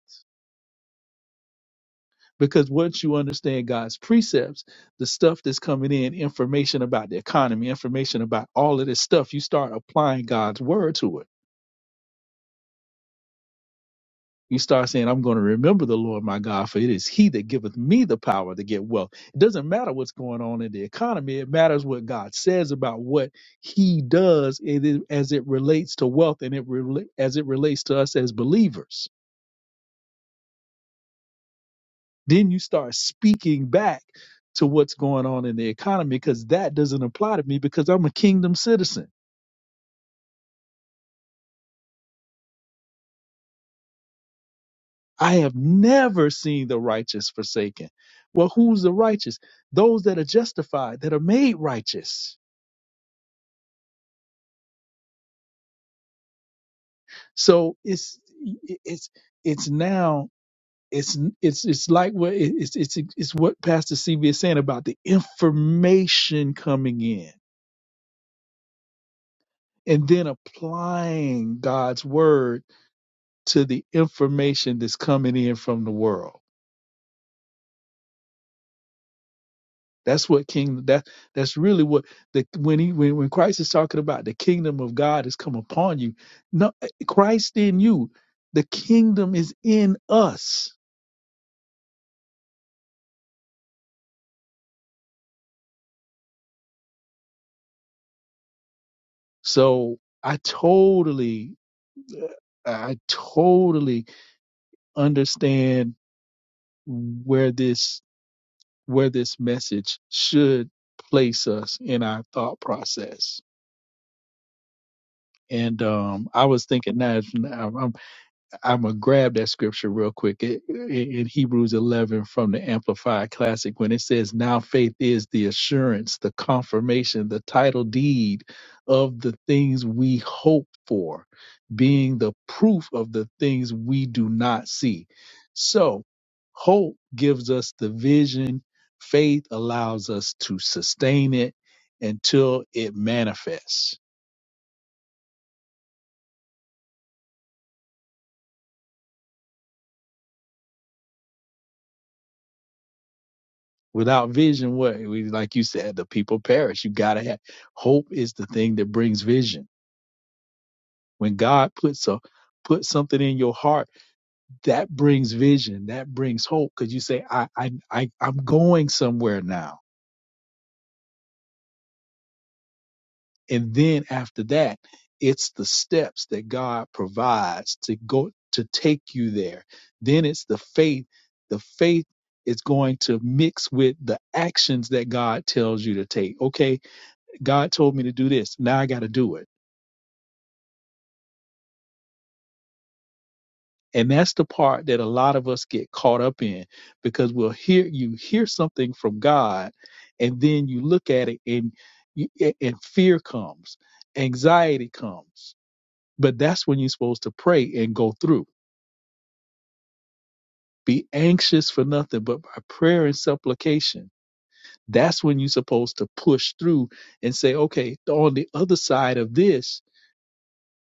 S5: Because once you understand God's precepts, the stuff that's coming in, information about the economy, information about all of this stuff, you start applying God's word to it you start saying, I'm going to remember the Lord my God, for it is He that giveth me the power to get wealth. It doesn't matter what's going on in the economy, it matters what God says about what He does it is- as it relates to wealth and it rela- as it relates to us as believers. Then you start speaking back to what's going on in the economy because that doesn't apply to me because I'm a kingdom citizen. I have never seen the righteous forsaken. Well, who's the righteous? Those that are justified, that are made righteous So it's it's it's now it's it's it's like what it- it's it's it's what Pastor CB is saying about the information coming in and then applying God's word to the information that's coming in from the world. That's what kingdom that that's really what the when he when, when Christ is talking about the kingdom of God has come upon you. No Christ in you. The kingdom is in us. So I totally I totally understand where this where this message should place us in our thought process. And um, I was thinking that I'm gonna grab that scripture real quick It- it- in Hebrews 11 from the Amplified Classic when it says, "Now faith is the assurance, the confirmation, the title deed of the things we hope for, being the proof of the things we do not see." So, hope gives us the vision. Faith allows us to sustain it until it manifests Without vision, what we like you said, the people perish. You gotta have hope is the thing that brings vision. When God puts a put something in your heart, that brings vision, that brings hope. Cause you say, I I, I I'm going somewhere now. And then after that, it's the steps that God provides to go to take you there. Then it's the faith. The faith is going to mix with the actions that God tells you to take. Okay, God told me to do this. Now I got to do it. And that's the part that a lot of us get caught up in because we'll hear you hear something from God and then you look at it and you, and fear comes, anxiety comes. But that's when you're supposed to pray and go through. Be anxious for nothing but by prayer and supplication. That's when you're supposed to push through and say, okay, on the other side of this,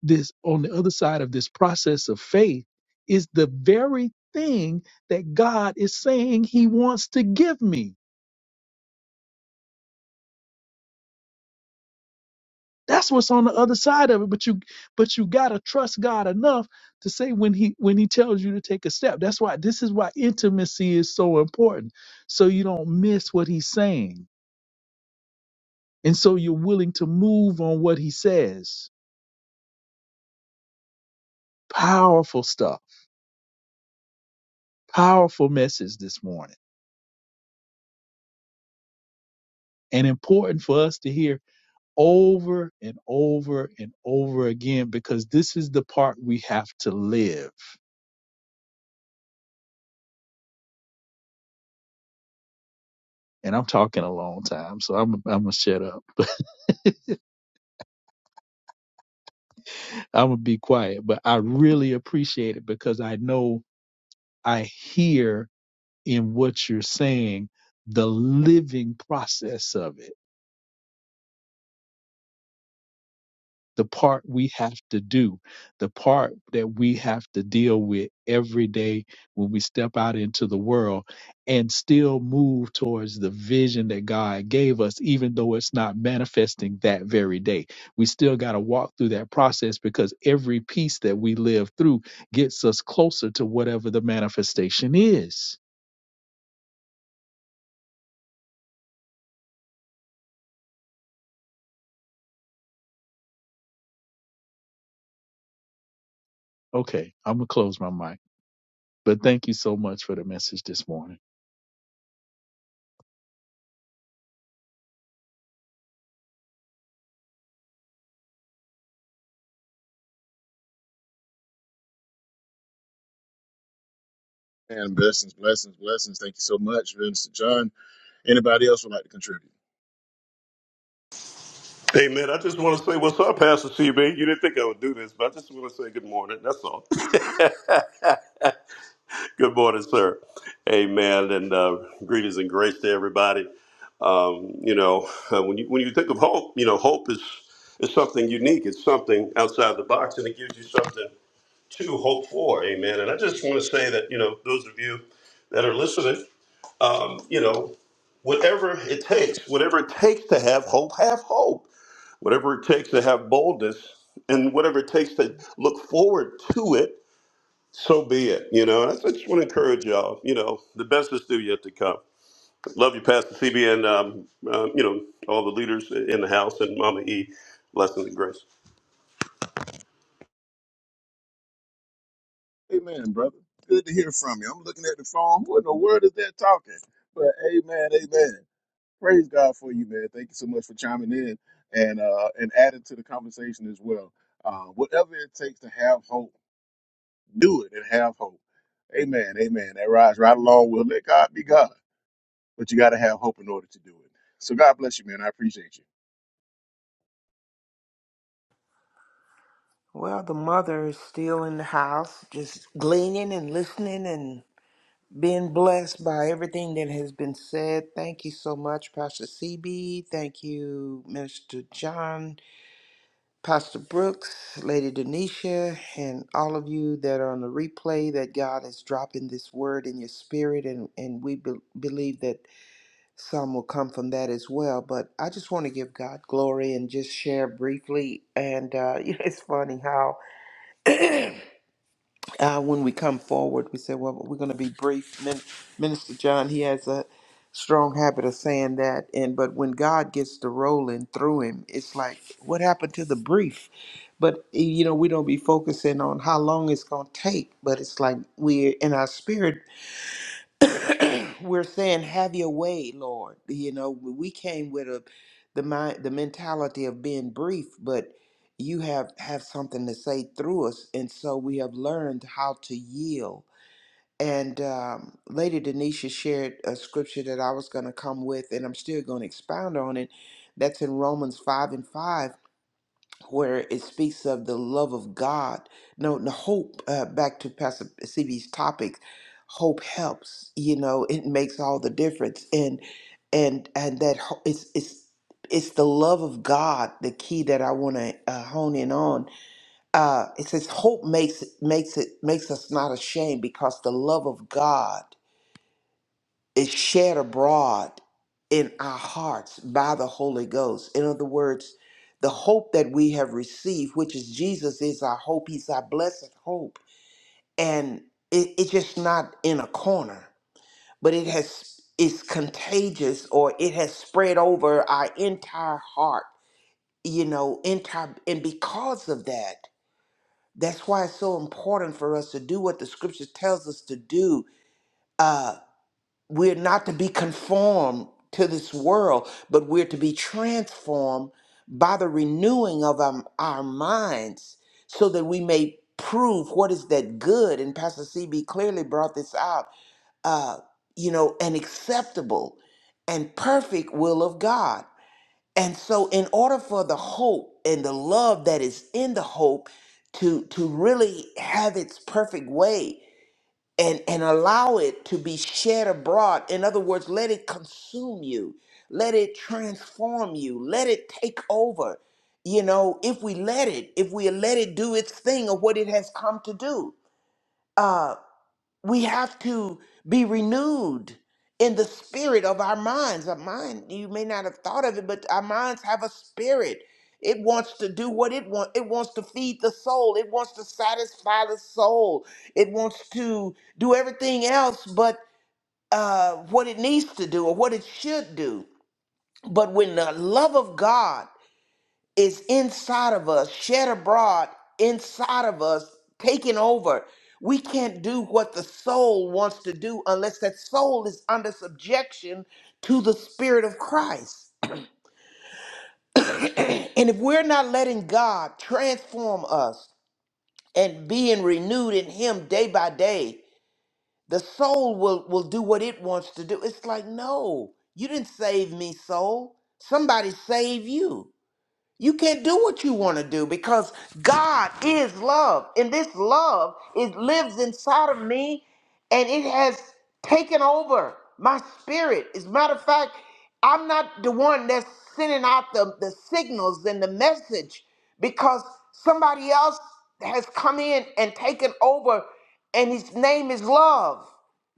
S5: this on the other side of this process of faith is the very thing that God is saying he wants to give me. That's what's on the other side of it, but you but you got to trust God enough to say when he when he tells you to take a step. That's why this is why intimacy is so important. So you don't miss what he's saying. And so you're willing to move on what he says. Powerful stuff. Powerful message this morning and important for us to hear over and over and over again because this is the part we have to live. And I'm talking a long time, so I'm I'm gonna shut up. I'm gonna be quiet, but I really appreciate it because I know I hear in what you're saying the living process of it the part we have to do, the part that we have to deal with every day when we step out into the world and still move towards the vision that God gave us, even though it's not manifesting that very day. We still got to walk through that process because every piece that we live through gets us closer to whatever the manifestation is. Okay, I'm going to close my mic, but thank you so much for the message this morning.
S2: And blessings, blessings, blessings. Thank you so much, Minister John. Anybody else would like to contribute?
S3: Hey man, I just want to say what's up, Pastor CB. You didn't think I would do this, but I just want to say good morning. That's all. good morning, sir. Amen, and uh, greetings and grace to everybody. Um, you know, uh, when you when you think of hope, you know, hope is is something unique. It's something outside the box, and it gives you something to hope for. Amen. And I just want to say that you know those of you that are listening, um, you know, whatever it takes, whatever it takes to have hope, have hope whatever it takes to have boldness and whatever it takes to look forward to it, so be it. You know, and I just want to encourage y'all. You know, the best is still yet to come. Love you, Pastor CB, and um, um, you know all the leaders in the house and Mama E. Blessings and grace.
S2: Amen, brother. Good to hear from you. I'm looking at the phone. What in the world is that talking? But amen, amen. Praise God for you, man. Thank you so much for chiming in and uh, and adding to the conversation as well. Uh, whatever it takes to have hope, do it and have hope. Amen. Amen. That rides right along with let God be God, but you got to have hope in order to do it. So God bless you, man. I appreciate you.
S4: Well, the mother is still in the house, just gleaning and listening and being blessed by everything that has been said. Thank you so much, Pastor CB. Thank you, Minister John, Pastor Brooks, Lady Denisha, and all of you that are on the replay that God is dropping this word in your spirit. And, and we be- believe that some will come from that as well. But I just want to give God glory and just share briefly. And uh, you know, it's funny how uh, when we come forward, we say, "Well, we're going to be brief." Min- Minister John, he has a strong habit of saying that. And but when God gets to rolling through him, it's like, "What happened to the brief?" But you know, we don't be focusing on how long it's going to take. But it's like we in our spirit we're saying have your way lord you know we came with a the mind the mentality of being brief but you have have something to say through us and so we have learned how to yield and um, lady denisha shared a scripture that i was going to come with and i'm still going to expound on it that's in romans 5 and 5 where it speaks of the love of God. No, the hope, uh, back to Pastor C B's topic, hope helps, you know, it makes all the difference. And, and, and that ho- it's, it's, it's the love of God, the key that I want to uh, hone in on. Uh, it says hope makes makes it makes us not ashamed because the love of God is shed abroad in our hearts by the Holy Ghost. In other words, the hope that we have received, which is Jesus, is our hope. He's our blessed hope. And it, it's just not in a corner, but it has it's contagious or it has spread over our entire heart, you know, entire and because of that, that's why it's so important for us to do what the scripture tells us to do. Uh, we're not to be conformed to this world, but we're to be transformed by the renewing of our, our minds so that we may prove what is that good. And Pastor CB clearly brought this out, uh, you know, an acceptable and perfect will of God. And so, in order for the hope and the love that is in the hope to, to really have its perfect way, and and allow it to be shed abroad in other words let it consume you let it transform you let it take over you know if we let it if we let it do its thing of what it has come to do uh, we have to be renewed in the spirit of our minds. Our mind, you may not have thought of it, but our minds have a spirit. It wants to do what it wants. It wants to feed the soul. It wants to satisfy the soul. It wants to do everything else but uh, what it needs to do or what it should do. But when the love of God is inside of us, shed abroad inside of us, taking over. We can't do what the soul wants to do unless that soul is under subjection to the Spirit of Christ. And if we're not letting God transform us and being renewed in Him day by day, the soul will, will do what it wants to do. It's like, no, you didn't save me, soul. Somebody save you. You can't do what you want to do because God is love. And this love it lives inside of me and it has taken over my spirit. As a matter of fact, I'm not the one that's sending out the, the signals and the message because somebody else has come in and taken over and his name is love.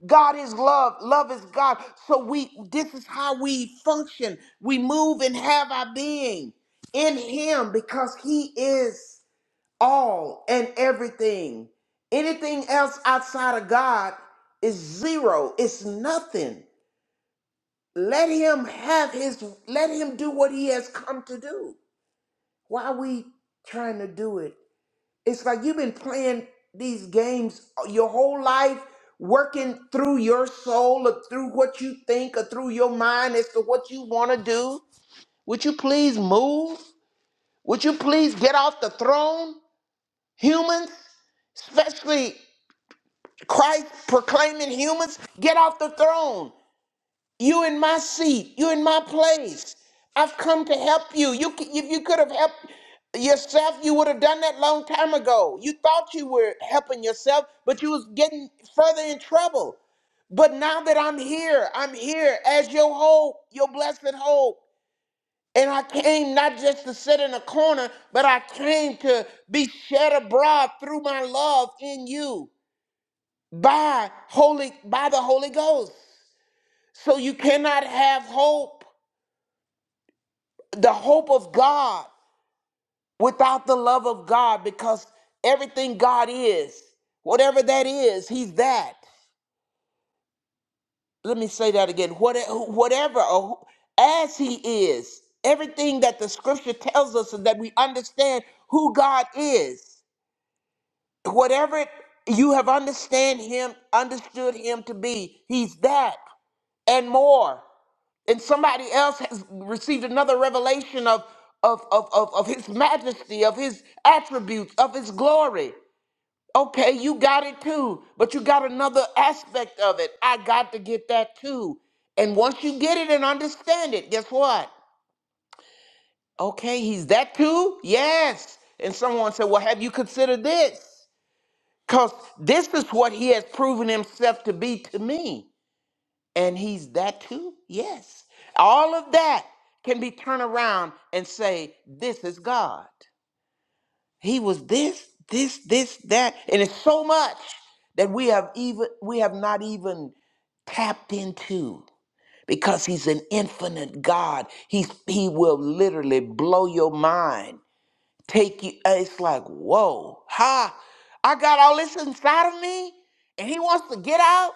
S4: God is love. Love is God. So we this is how we function. We move and have our being in him because he is all and everything. Anything else outside of God is zero. It's nothing. Let him have his let him do what he has come to do. Why are we trying to do it it's like you've been playing these games your whole life, working through your soul or through what you think or through your mind as to what you want to do. Would you please move? Would you please get off the throne? Humans, especially Christ proclaiming humans, get off the throne. You in my seat. You in my place. I've come to help you. You, c- if you could have helped yourself, you would have done that long time ago. You thought you were helping yourself, but you was getting further in trouble. But now that I'm here, I'm here as your hope, your blessed hope. And I came not just to sit in a corner, but I came to be shed abroad through my love in you by holy by the Holy Ghost. So you cannot have hope the hope of God without the love of God because everything God is, whatever that is, He's that. Let me say that again. What, whatever, or who- as He is, everything that the scripture tells us and that we understand who God is, whatever it- you have understand Him, understood Him to be, He's that and more. and somebody else has received another revelation of of of of, of his majesty of his attributes of his glory okay you got it too but you got another aspect of it i got to get that too and once you get it and understand it guess what okay he's that too yes and someone said well have you considered this because this is what he has proven himself to be to me And he's that too? Yes. All of that can be turned around and say, This is God. He was this, this, this, that. And it's so much that we have even we have not even tapped into because he's an infinite God. He's he will literally blow your mind. Take you uh, it's like, whoa, ha, I got all this inside of me, and he wants to get out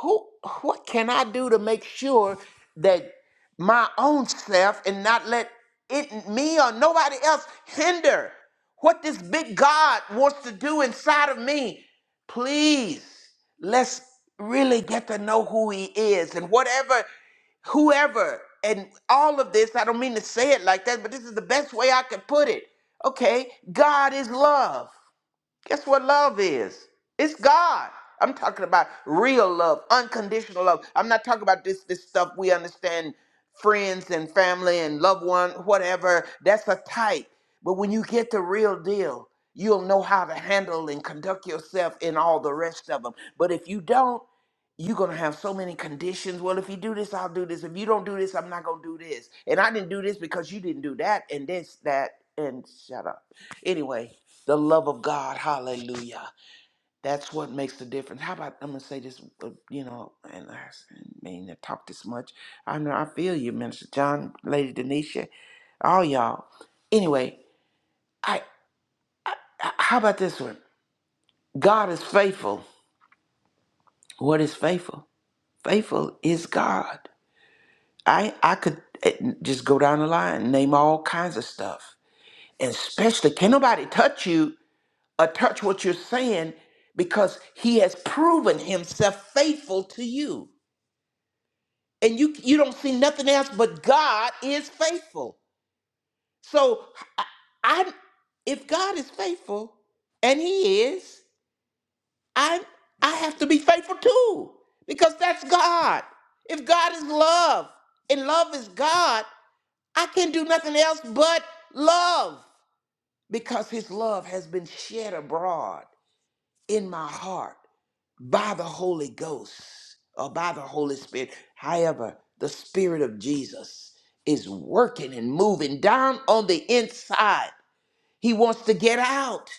S4: who what can I do to make sure that my own self and not let it me or nobody else hinder what this big God wants to do inside of me? Please, let's really get to know who he is and whatever whoever and all of this, I don't mean to say it like that, but this is the best way I could put it. Okay, God is love. Guess what love is? It's God. I'm talking about real love, unconditional love. I'm not talking about this this stuff we understand friends and family and loved one, whatever. That's a type. But when you get the real deal, you'll know how to handle and conduct yourself in all the rest of them. But if you don't, you're gonna have so many conditions. Well, if you do this, I'll do this. If you don't do this, I'm not gonna do this. And I didn't do this because you didn't do that, and this, that, and shut up. Anyway, the love of God, hallelujah. That's what makes the difference. How about I'm gonna say this, uh, you know, and I s- didn't mean to talk this much. I know I feel you, Minister John, Lady Denisha, all y'all. Anyway, I I- how about this one? God is faithful. What is faithful? Faithful is God. I I could eh, just go down the line and name all kinds of stuff. And especially, can nobody touch you or touch what you're saying because he has proven himself faithful to you. And you you don't see nothing else but God is faithful. So I, I if God is faithful and he is, I I have to be faithful too because that's God. If God is love and love is God, I can not do nothing else but love because his love has been shed abroad in my heart by the Holy Ghost or by the Holy Spirit. However, the Spirit of Jesus is working and moving down on the inside. He wants to get out.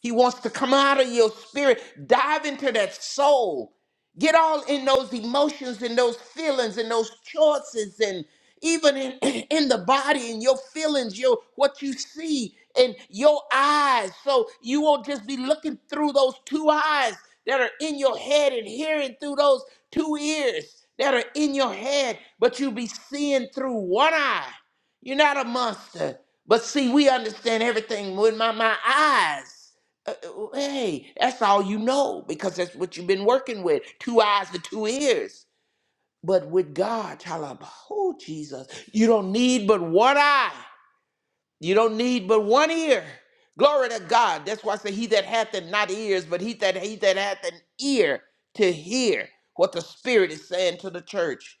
S4: He wants to come out of your spirit. Dive into that soul. Get all in those emotions and those feelings and those choices and even in, in the body and your feelings, your what you see and your eyes. So you won't just be looking through those two eyes that are in your head and hearing through those two ears that are in your head, but you'll be seeing through one eye you're not a monster. But see, we understand everything with my, my eyes. Uh, uh, uh, hey, that's all you know because that's what you've been working with two eyes and two ears. But with God, talab, oh, Jesus, you don't need but one eye, you don't need but one ear. Glory to God. That's why I say, He that hath and not ears, but he that, he that hath an ear to hear what the Spirit is saying to the church.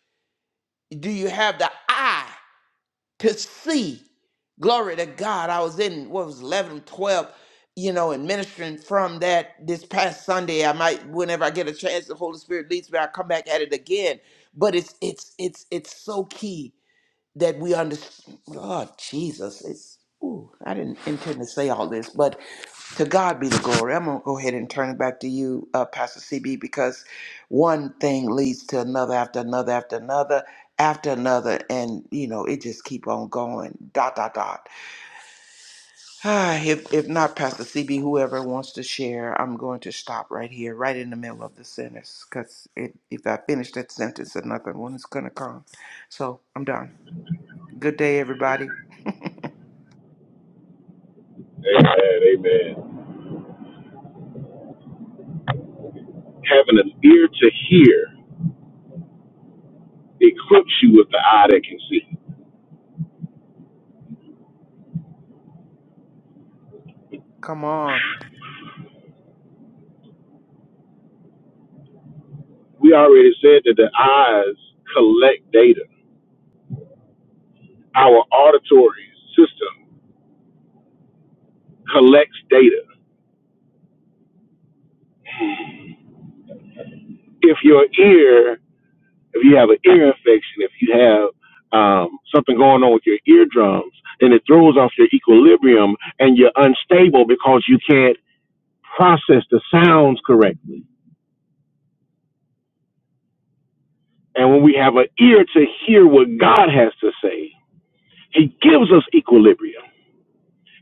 S4: Do you have the eye? to see. Glory to God. I was in what was 11 or 12, you know, and ministering from that this past Sunday. I might, whenever I get a chance, the Holy Spirit leads me, i come back at it again. But it's it's it's it's so key that we understand. God, Jesus, it's. Ooh, I didn't intend to say all this, but to God be the glory. I'm gonna go ahead and turn it back to you, uh, Pastor CB, because one thing leads to another after another after another after another, and you know it just keep on going. Dot dot dot. Ah, if if not Pastor CB, whoever wants to share, I'm going to stop right here, right in the middle of the sentence, because if if I finish that sentence, another one is gonna come. So I'm done. Good day, everybody.
S2: Amen, amen. Having an ear to hear equips you with the eye that can see.
S4: Come on.
S2: We already said that the eyes collect data. Our auditory system collects data. If your ear if you have an ear infection, if you have um, something going on with your eardrums, then it throws off your equilibrium and you're unstable because you can't process the sounds correctly. And when we have an ear to hear what God has to say, He gives us equilibrium,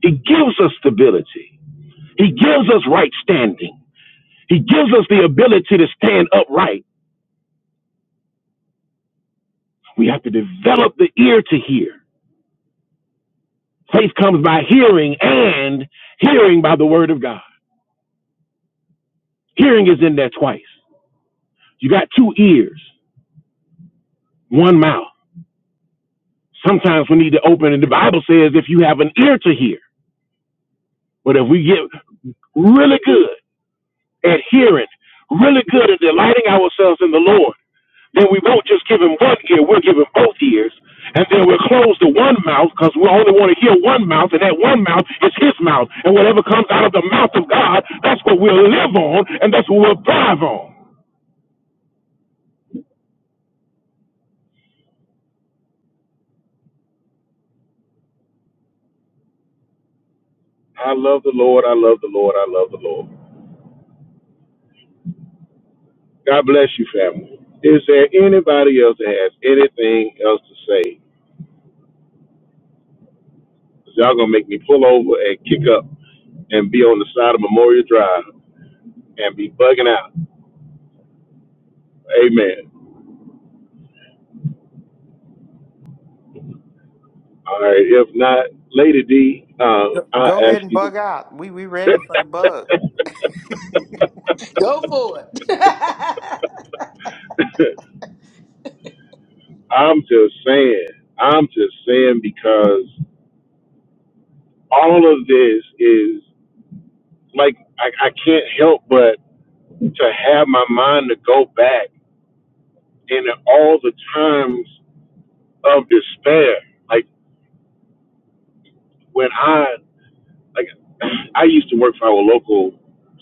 S2: He gives us stability, He gives us right standing, He gives us the ability to stand upright. We have to develop the ear to hear. Faith comes by hearing and hearing by the word of God. Hearing is in there twice. You got two ears, one mouth. Sometimes we need to open, and the Bible says if you have an ear to hear. But if we get really good at hearing, really good at delighting ourselves in the Lord, then we won't just give him one ear, we'll give him both ears. And then we'll close the one mouth because we only want to hear one mouth, and that one mouth is his mouth. And whatever comes out of the mouth of God, that's what we'll live on, and that's what we'll thrive on. I love the Lord. I love the Lord. I love the Lord. God bless you, family. Is there anybody else that has anything else to say? 'Cause y'all gonna make me pull over and kick up and be on the side of Memorial Drive and be bugging out. Amen. All right. If not, Lady D, uh, I
S4: Go
S2: ask
S4: ahead and
S2: you.
S4: bug out. We we ready for the bug.
S3: Go for it.
S2: To, I'm just saying. I'm just saying because all of this is like I, I can't help but to have my mind to go back in all the times of despair. Like when I Like I used to work for our local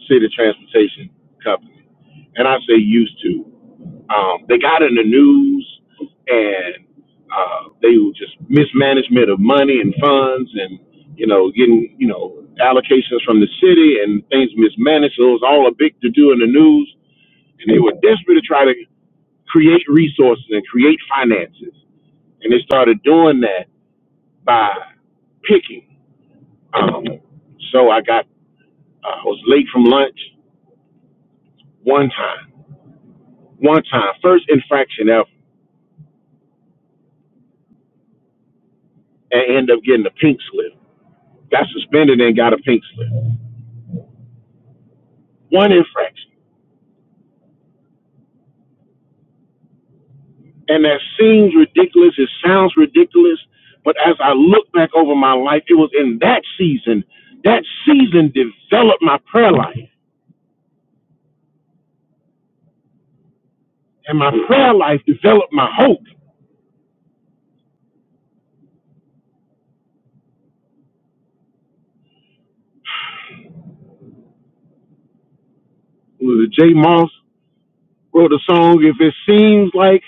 S2: city transportation company, and I say used to. Um, they got in the news, and uh, they were just mismanagement of money and funds, and you know, getting you know allocations from the city and things mismanaged. So it was all a big to do in the news, and they were desperate to try to create resources and create finances, and they started doing that by picking. Um, so I got uh, I was late from lunch one time, one time, first infraction ever, and end up getting a pink slip. Got suspended and got a pink slip. One infraction. And that seems ridiculous. It sounds ridiculous. But as I look back over my life, it was in that season, that season developed my prayer life. And my prayer life developed my hope. It was Jay Moss wrote a song, If It Seems Like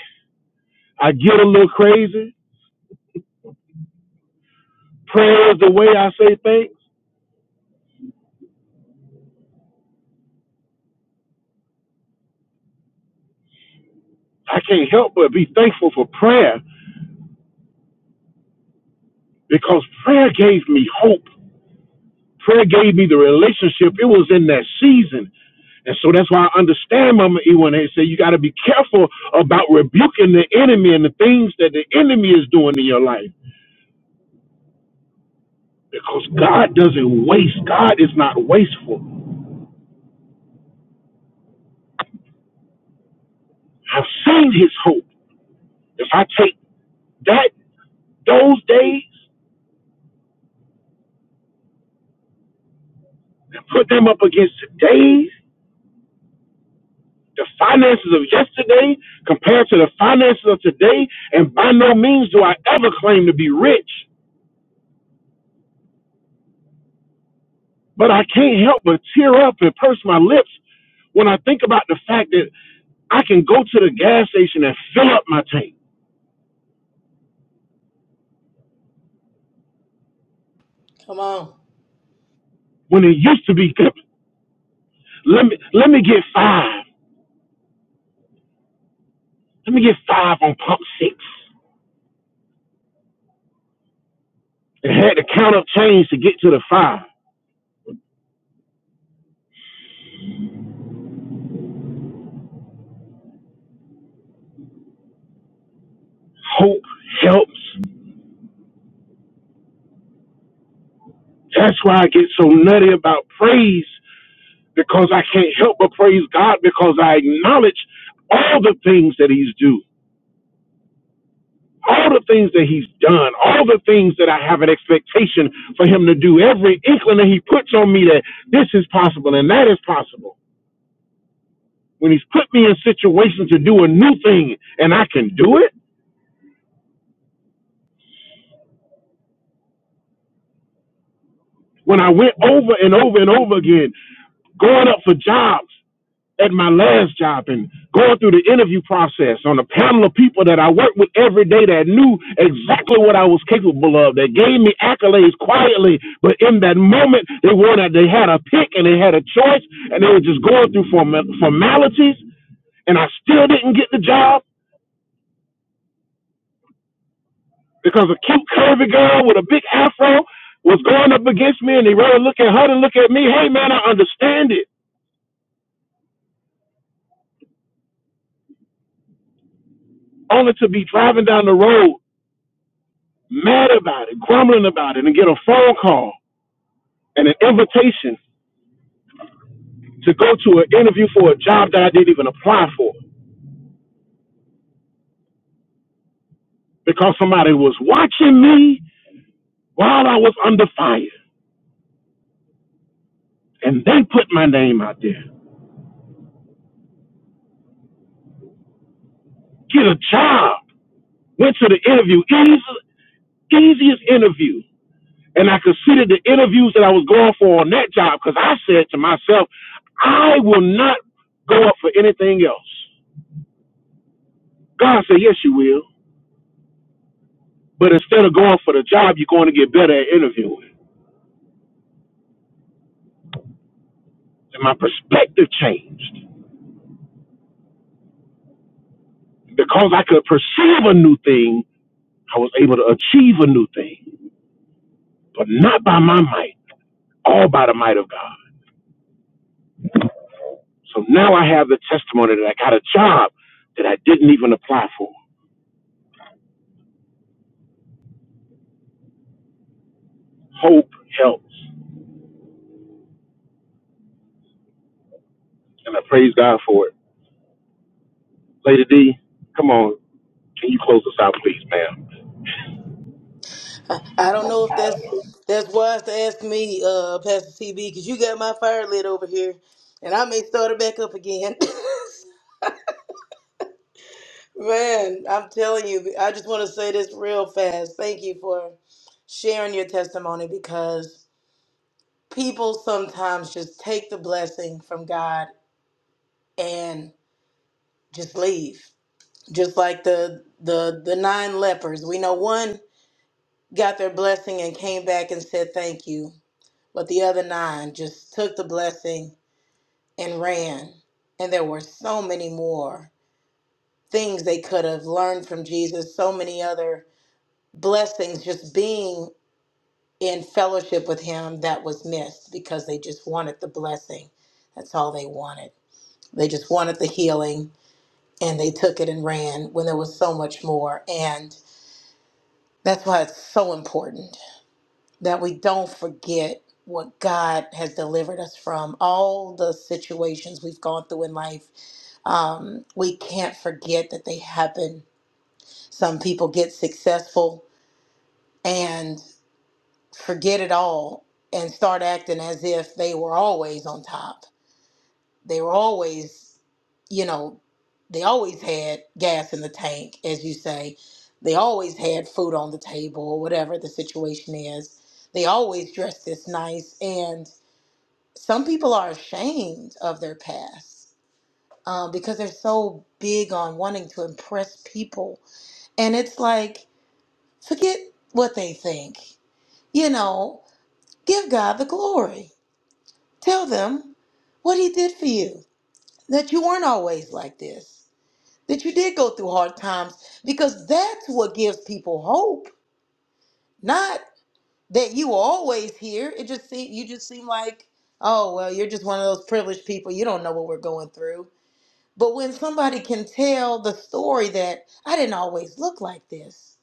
S2: I Get a Little Crazy, prayer is the way I say thanks. I can't help but be thankful for prayer because prayer gave me hope. Prayer gave me the relationship. It was in that season. And so that's why I understand Mama E when they say you got to be careful about rebuking the enemy and the things that the enemy is doing in your life because God doesn't waste. God is not wasteful. I've seen his hope. If I take that, those days, and put them up against today's, the finances of yesterday compared to the finances of today, and by no means do I ever claim to be rich. But I can't help but tear up and purse my lips when I think about the fact that I can go to the gas station and fill up my tank
S3: Come on.
S2: when it used to be let me let me get five. Let me get five on pump six. And had to count up change to get to the five. Hope helps. That's why I get so nutty about praise because I can't help but praise God because I acknowledge all the things that He's doing. all the things that he's done, all the things that I have an expectation for him to do, every inkling that he puts on me that this is possible and that is possible. When he's put me in situations to do a new thing and I can do it, when I went over and over and over again, going up for jobs at my last job and going through the interview process on a panel of people that I worked with every day that knew exactly what I was capable of, that gave me accolades quietly, but in that moment they wanted they had a pick and they had a choice and they were just going through form- formalities and I still didn't get the job because a cute curvy girl with a big afro was going up against me and they rather look at her than look at me. Hey man, I understand it. Only to be driving down the road mad about it, grumbling about it, and get a phone call and an invitation to go to an interview for a job that I didn't even apply for because somebody was watching me while I was under fire and they put my name out there. Get a job. Went to the interview, easy, easiest interview. And I considered the interviews that I was going for on that job because I said to myself, I will not go up for anything else. God said, Yes, you will. But instead of going for the job, you're going to get better at interviewing. And my perspective changed. Because I could perceive a new thing, I was able to achieve a new thing, but not by my might, all by the might of God. So now I have the testimony that I got a job that I didn't even apply for. Hope helps. And I praise God for it. Lady D, come on. Can you close us out, please, ma'am?
S3: I, I don't know if that's that's wise to ask me, uh, Pastor TB, because you got my fire lit over here, and I may start it back up again. Man, I'm telling you, I just want to say this real fast. Thank you for sharing your testimony because people sometimes just take the blessing from God and just leave. Just like the the the nine lepers. We know one got their blessing and came back and said thank you, but the other nine just took the blessing and ran. And there were so many more things they could have learned from Jesus, so many other blessings just being in fellowship with him that was missed because they just wanted the blessing. That's all they wanted. They just wanted the healing and they took it and ran when there was so much more. And that's why it's so important that we don't forget what God has delivered us from, all the situations we've gone through in life. Um, we can't forget that they happen. Some people get successful and forget it all and start acting as if they were always on top. They were always, you know, they always had gas in the tank, as you say. They always had food on the table, or whatever the situation is. They always dressed this nice. And some people are ashamed of their past um, because they're so big on wanting to impress people. And it's like, forget what they think, you know, give God the glory Tell them what he did for you, that you weren't always like this, that you did go through hard times, because that's what gives people hope, not that you were always here. It just seem you just seem like, oh well, you're just one of those privileged people. You don't know what we're going through. But when somebody can tell the story that I didn't always look like this,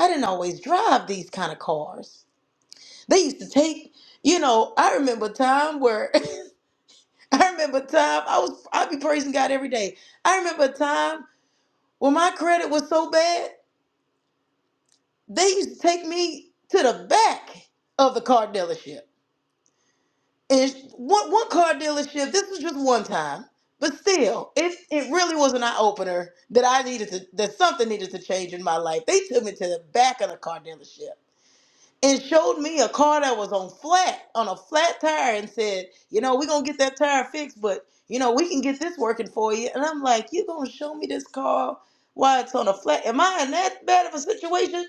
S3: I didn't always drive these kind of cars. They used to take, you know, I remember a time where I remember a time I was I'd be praising God every day. I remember a time when my credit was so bad, they used to take me to the back of the car dealership. And one one car dealership, this was just one time, but still, it it really was an eye opener that I needed to that something needed to change in my life. They took me to the back of the car dealership. and showed me a car that was on flat on a flat tire and said, you know, we're gonna get that tire fixed, but you know, we can get this working for you. And I'm like, you gonna show me this car while it's on a flat? Am I in that bad of a situation?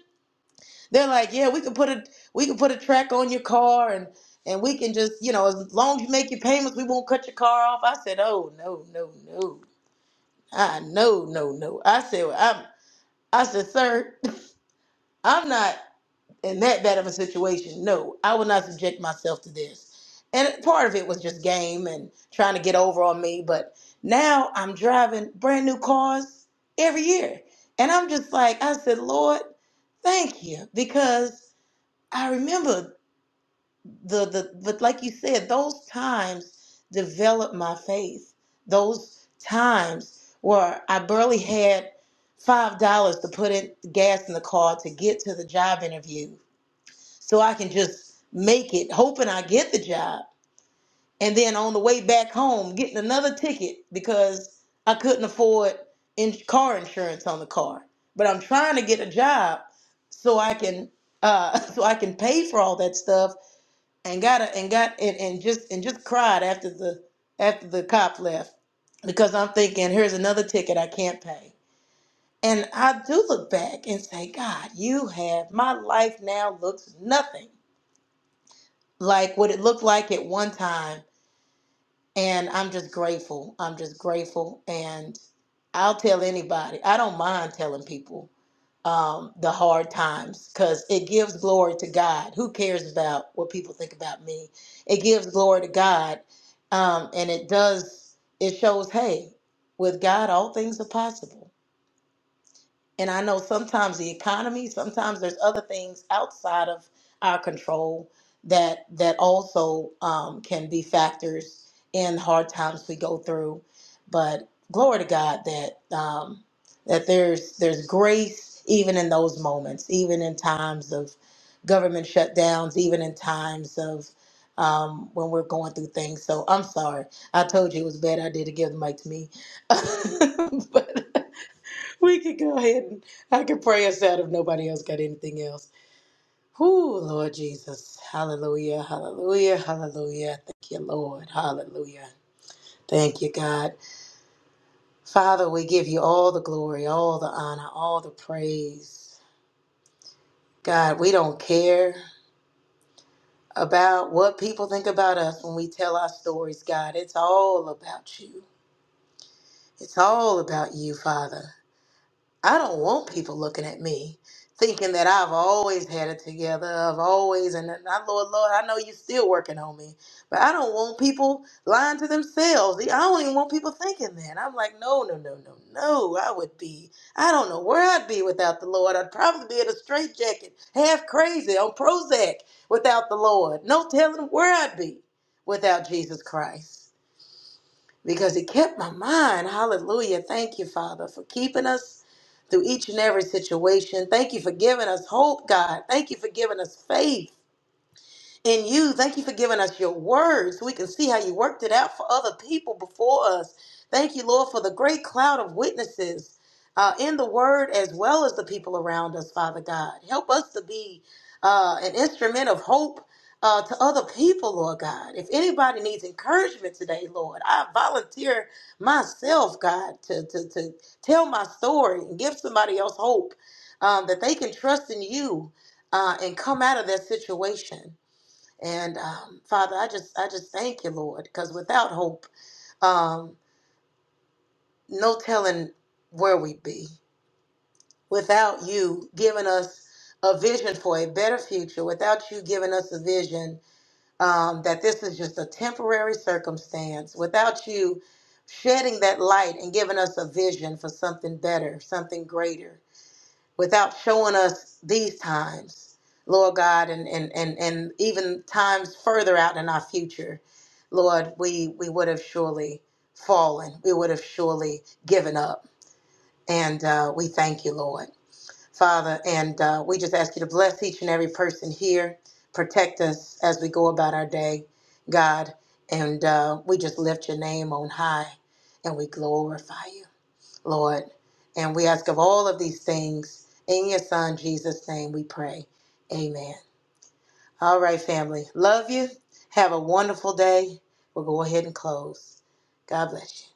S3: They're like, yeah, we can put a we can put a track on your car and and we can just, you know, as long as you make your payments, we won't cut your car off. I said, oh no, no, no. I no, no, no. I said, well, I'm I said, sir, I'm not in that bad of a situation. No, I would not subject myself to this. And part of it was just game and trying to get over on me. But now I'm driving brand new cars every year. And I'm just like, I said, Lord, thank you. Because I remember the, the but like you said, those times developed my faith. Those times where I barely had five dollars to put in gas in the car to get to the job interview so I can just make it, hoping I get the job. And then on the way back home, getting another ticket because I couldn't afford in- car insurance on the car. But I'm trying to get a job so I can uh, so I can pay for all that stuff. And got to and got and, and just and just cried after the after the cop left because I'm thinking here's another ticket I can't pay. And I do look back and say, God, you have my life now looks nothing like what it looked like at one time. And I'm just grateful. I'm just grateful. And I'll tell anybody. I don't mind telling people um, the hard times because it gives glory to God. Who cares about what people think about me? It gives glory to God. Um, and it does, it shows, hey, with God, all things are possible. And I know sometimes the economy, sometimes there's other things outside of our control that that also um, can be factors in hard times we go through. But glory to God that um, that there's there's grace even in those moments, even in times of government shutdowns, even in times of um, when we're going through things. So I'm sorry. I told you it was bad. I did to give the mic to me. but we could go ahead and I could pray us out if nobody else got anything else. Whoo, Lord Jesus. Hallelujah, hallelujah, hallelujah. Thank you, Lord. Hallelujah. Thank you, God. Father, we give you all the glory, all the honor, all the praise. God, we don't care about what people think about us when we tell our stories, God. It's all about you. It's all about you, Father. I don't want people looking at me thinking that I've always had it together. I've always, and I, Lord, Lord, I know you're still working on me, but I don't want people lying to themselves. I don't even want people thinking that. I'm like, no, no, no, no, no. I would be, I don't know where I'd be without the Lord. I'd probably be in a straitjacket, half crazy on Prozac without the Lord. No telling where I'd be without Jesus Christ because it kept my mind. Hallelujah. Thank you, Father, for keeping us through each and every situation. Thank you for giving us hope, God. Thank you for giving us faith in you. Thank you for giving us your word so we can see how you worked it out for other people before us. Thank you, Lord, for the great cloud of witnesses uh, in the word as well as the people around us, Father God. Help us to be uh, an instrument of hope. Uh, to other people, Lord God. If anybody needs encouragement today, Lord, I volunteer myself, God, to, to, to tell my story and give somebody else hope um, that they can trust in you uh, and come out of their situation. And um, Father, I just I just thank you, Lord, because without hope, um, no telling where we'd be. Without you giving us a vision for a better future, without you giving us a vision um, that this is just a temporary circumstance, without you shedding that light and giving us a vision for something better, something greater, without showing us these times, Lord God, and and and, and even times further out in our future Lord, we, we would have surely fallen. We would have surely given up. And uh, we thank you, Lord. Father, and uh, we just ask you to bless each and every person here, protect us as we go about our day, God. And uh, we just lift your name on high and we glorify you, Lord. And we ask of all of these things in your Son, Jesus' name, we pray. Amen. All right, family. Love you. Have a wonderful day. We'll go ahead and close. God bless you.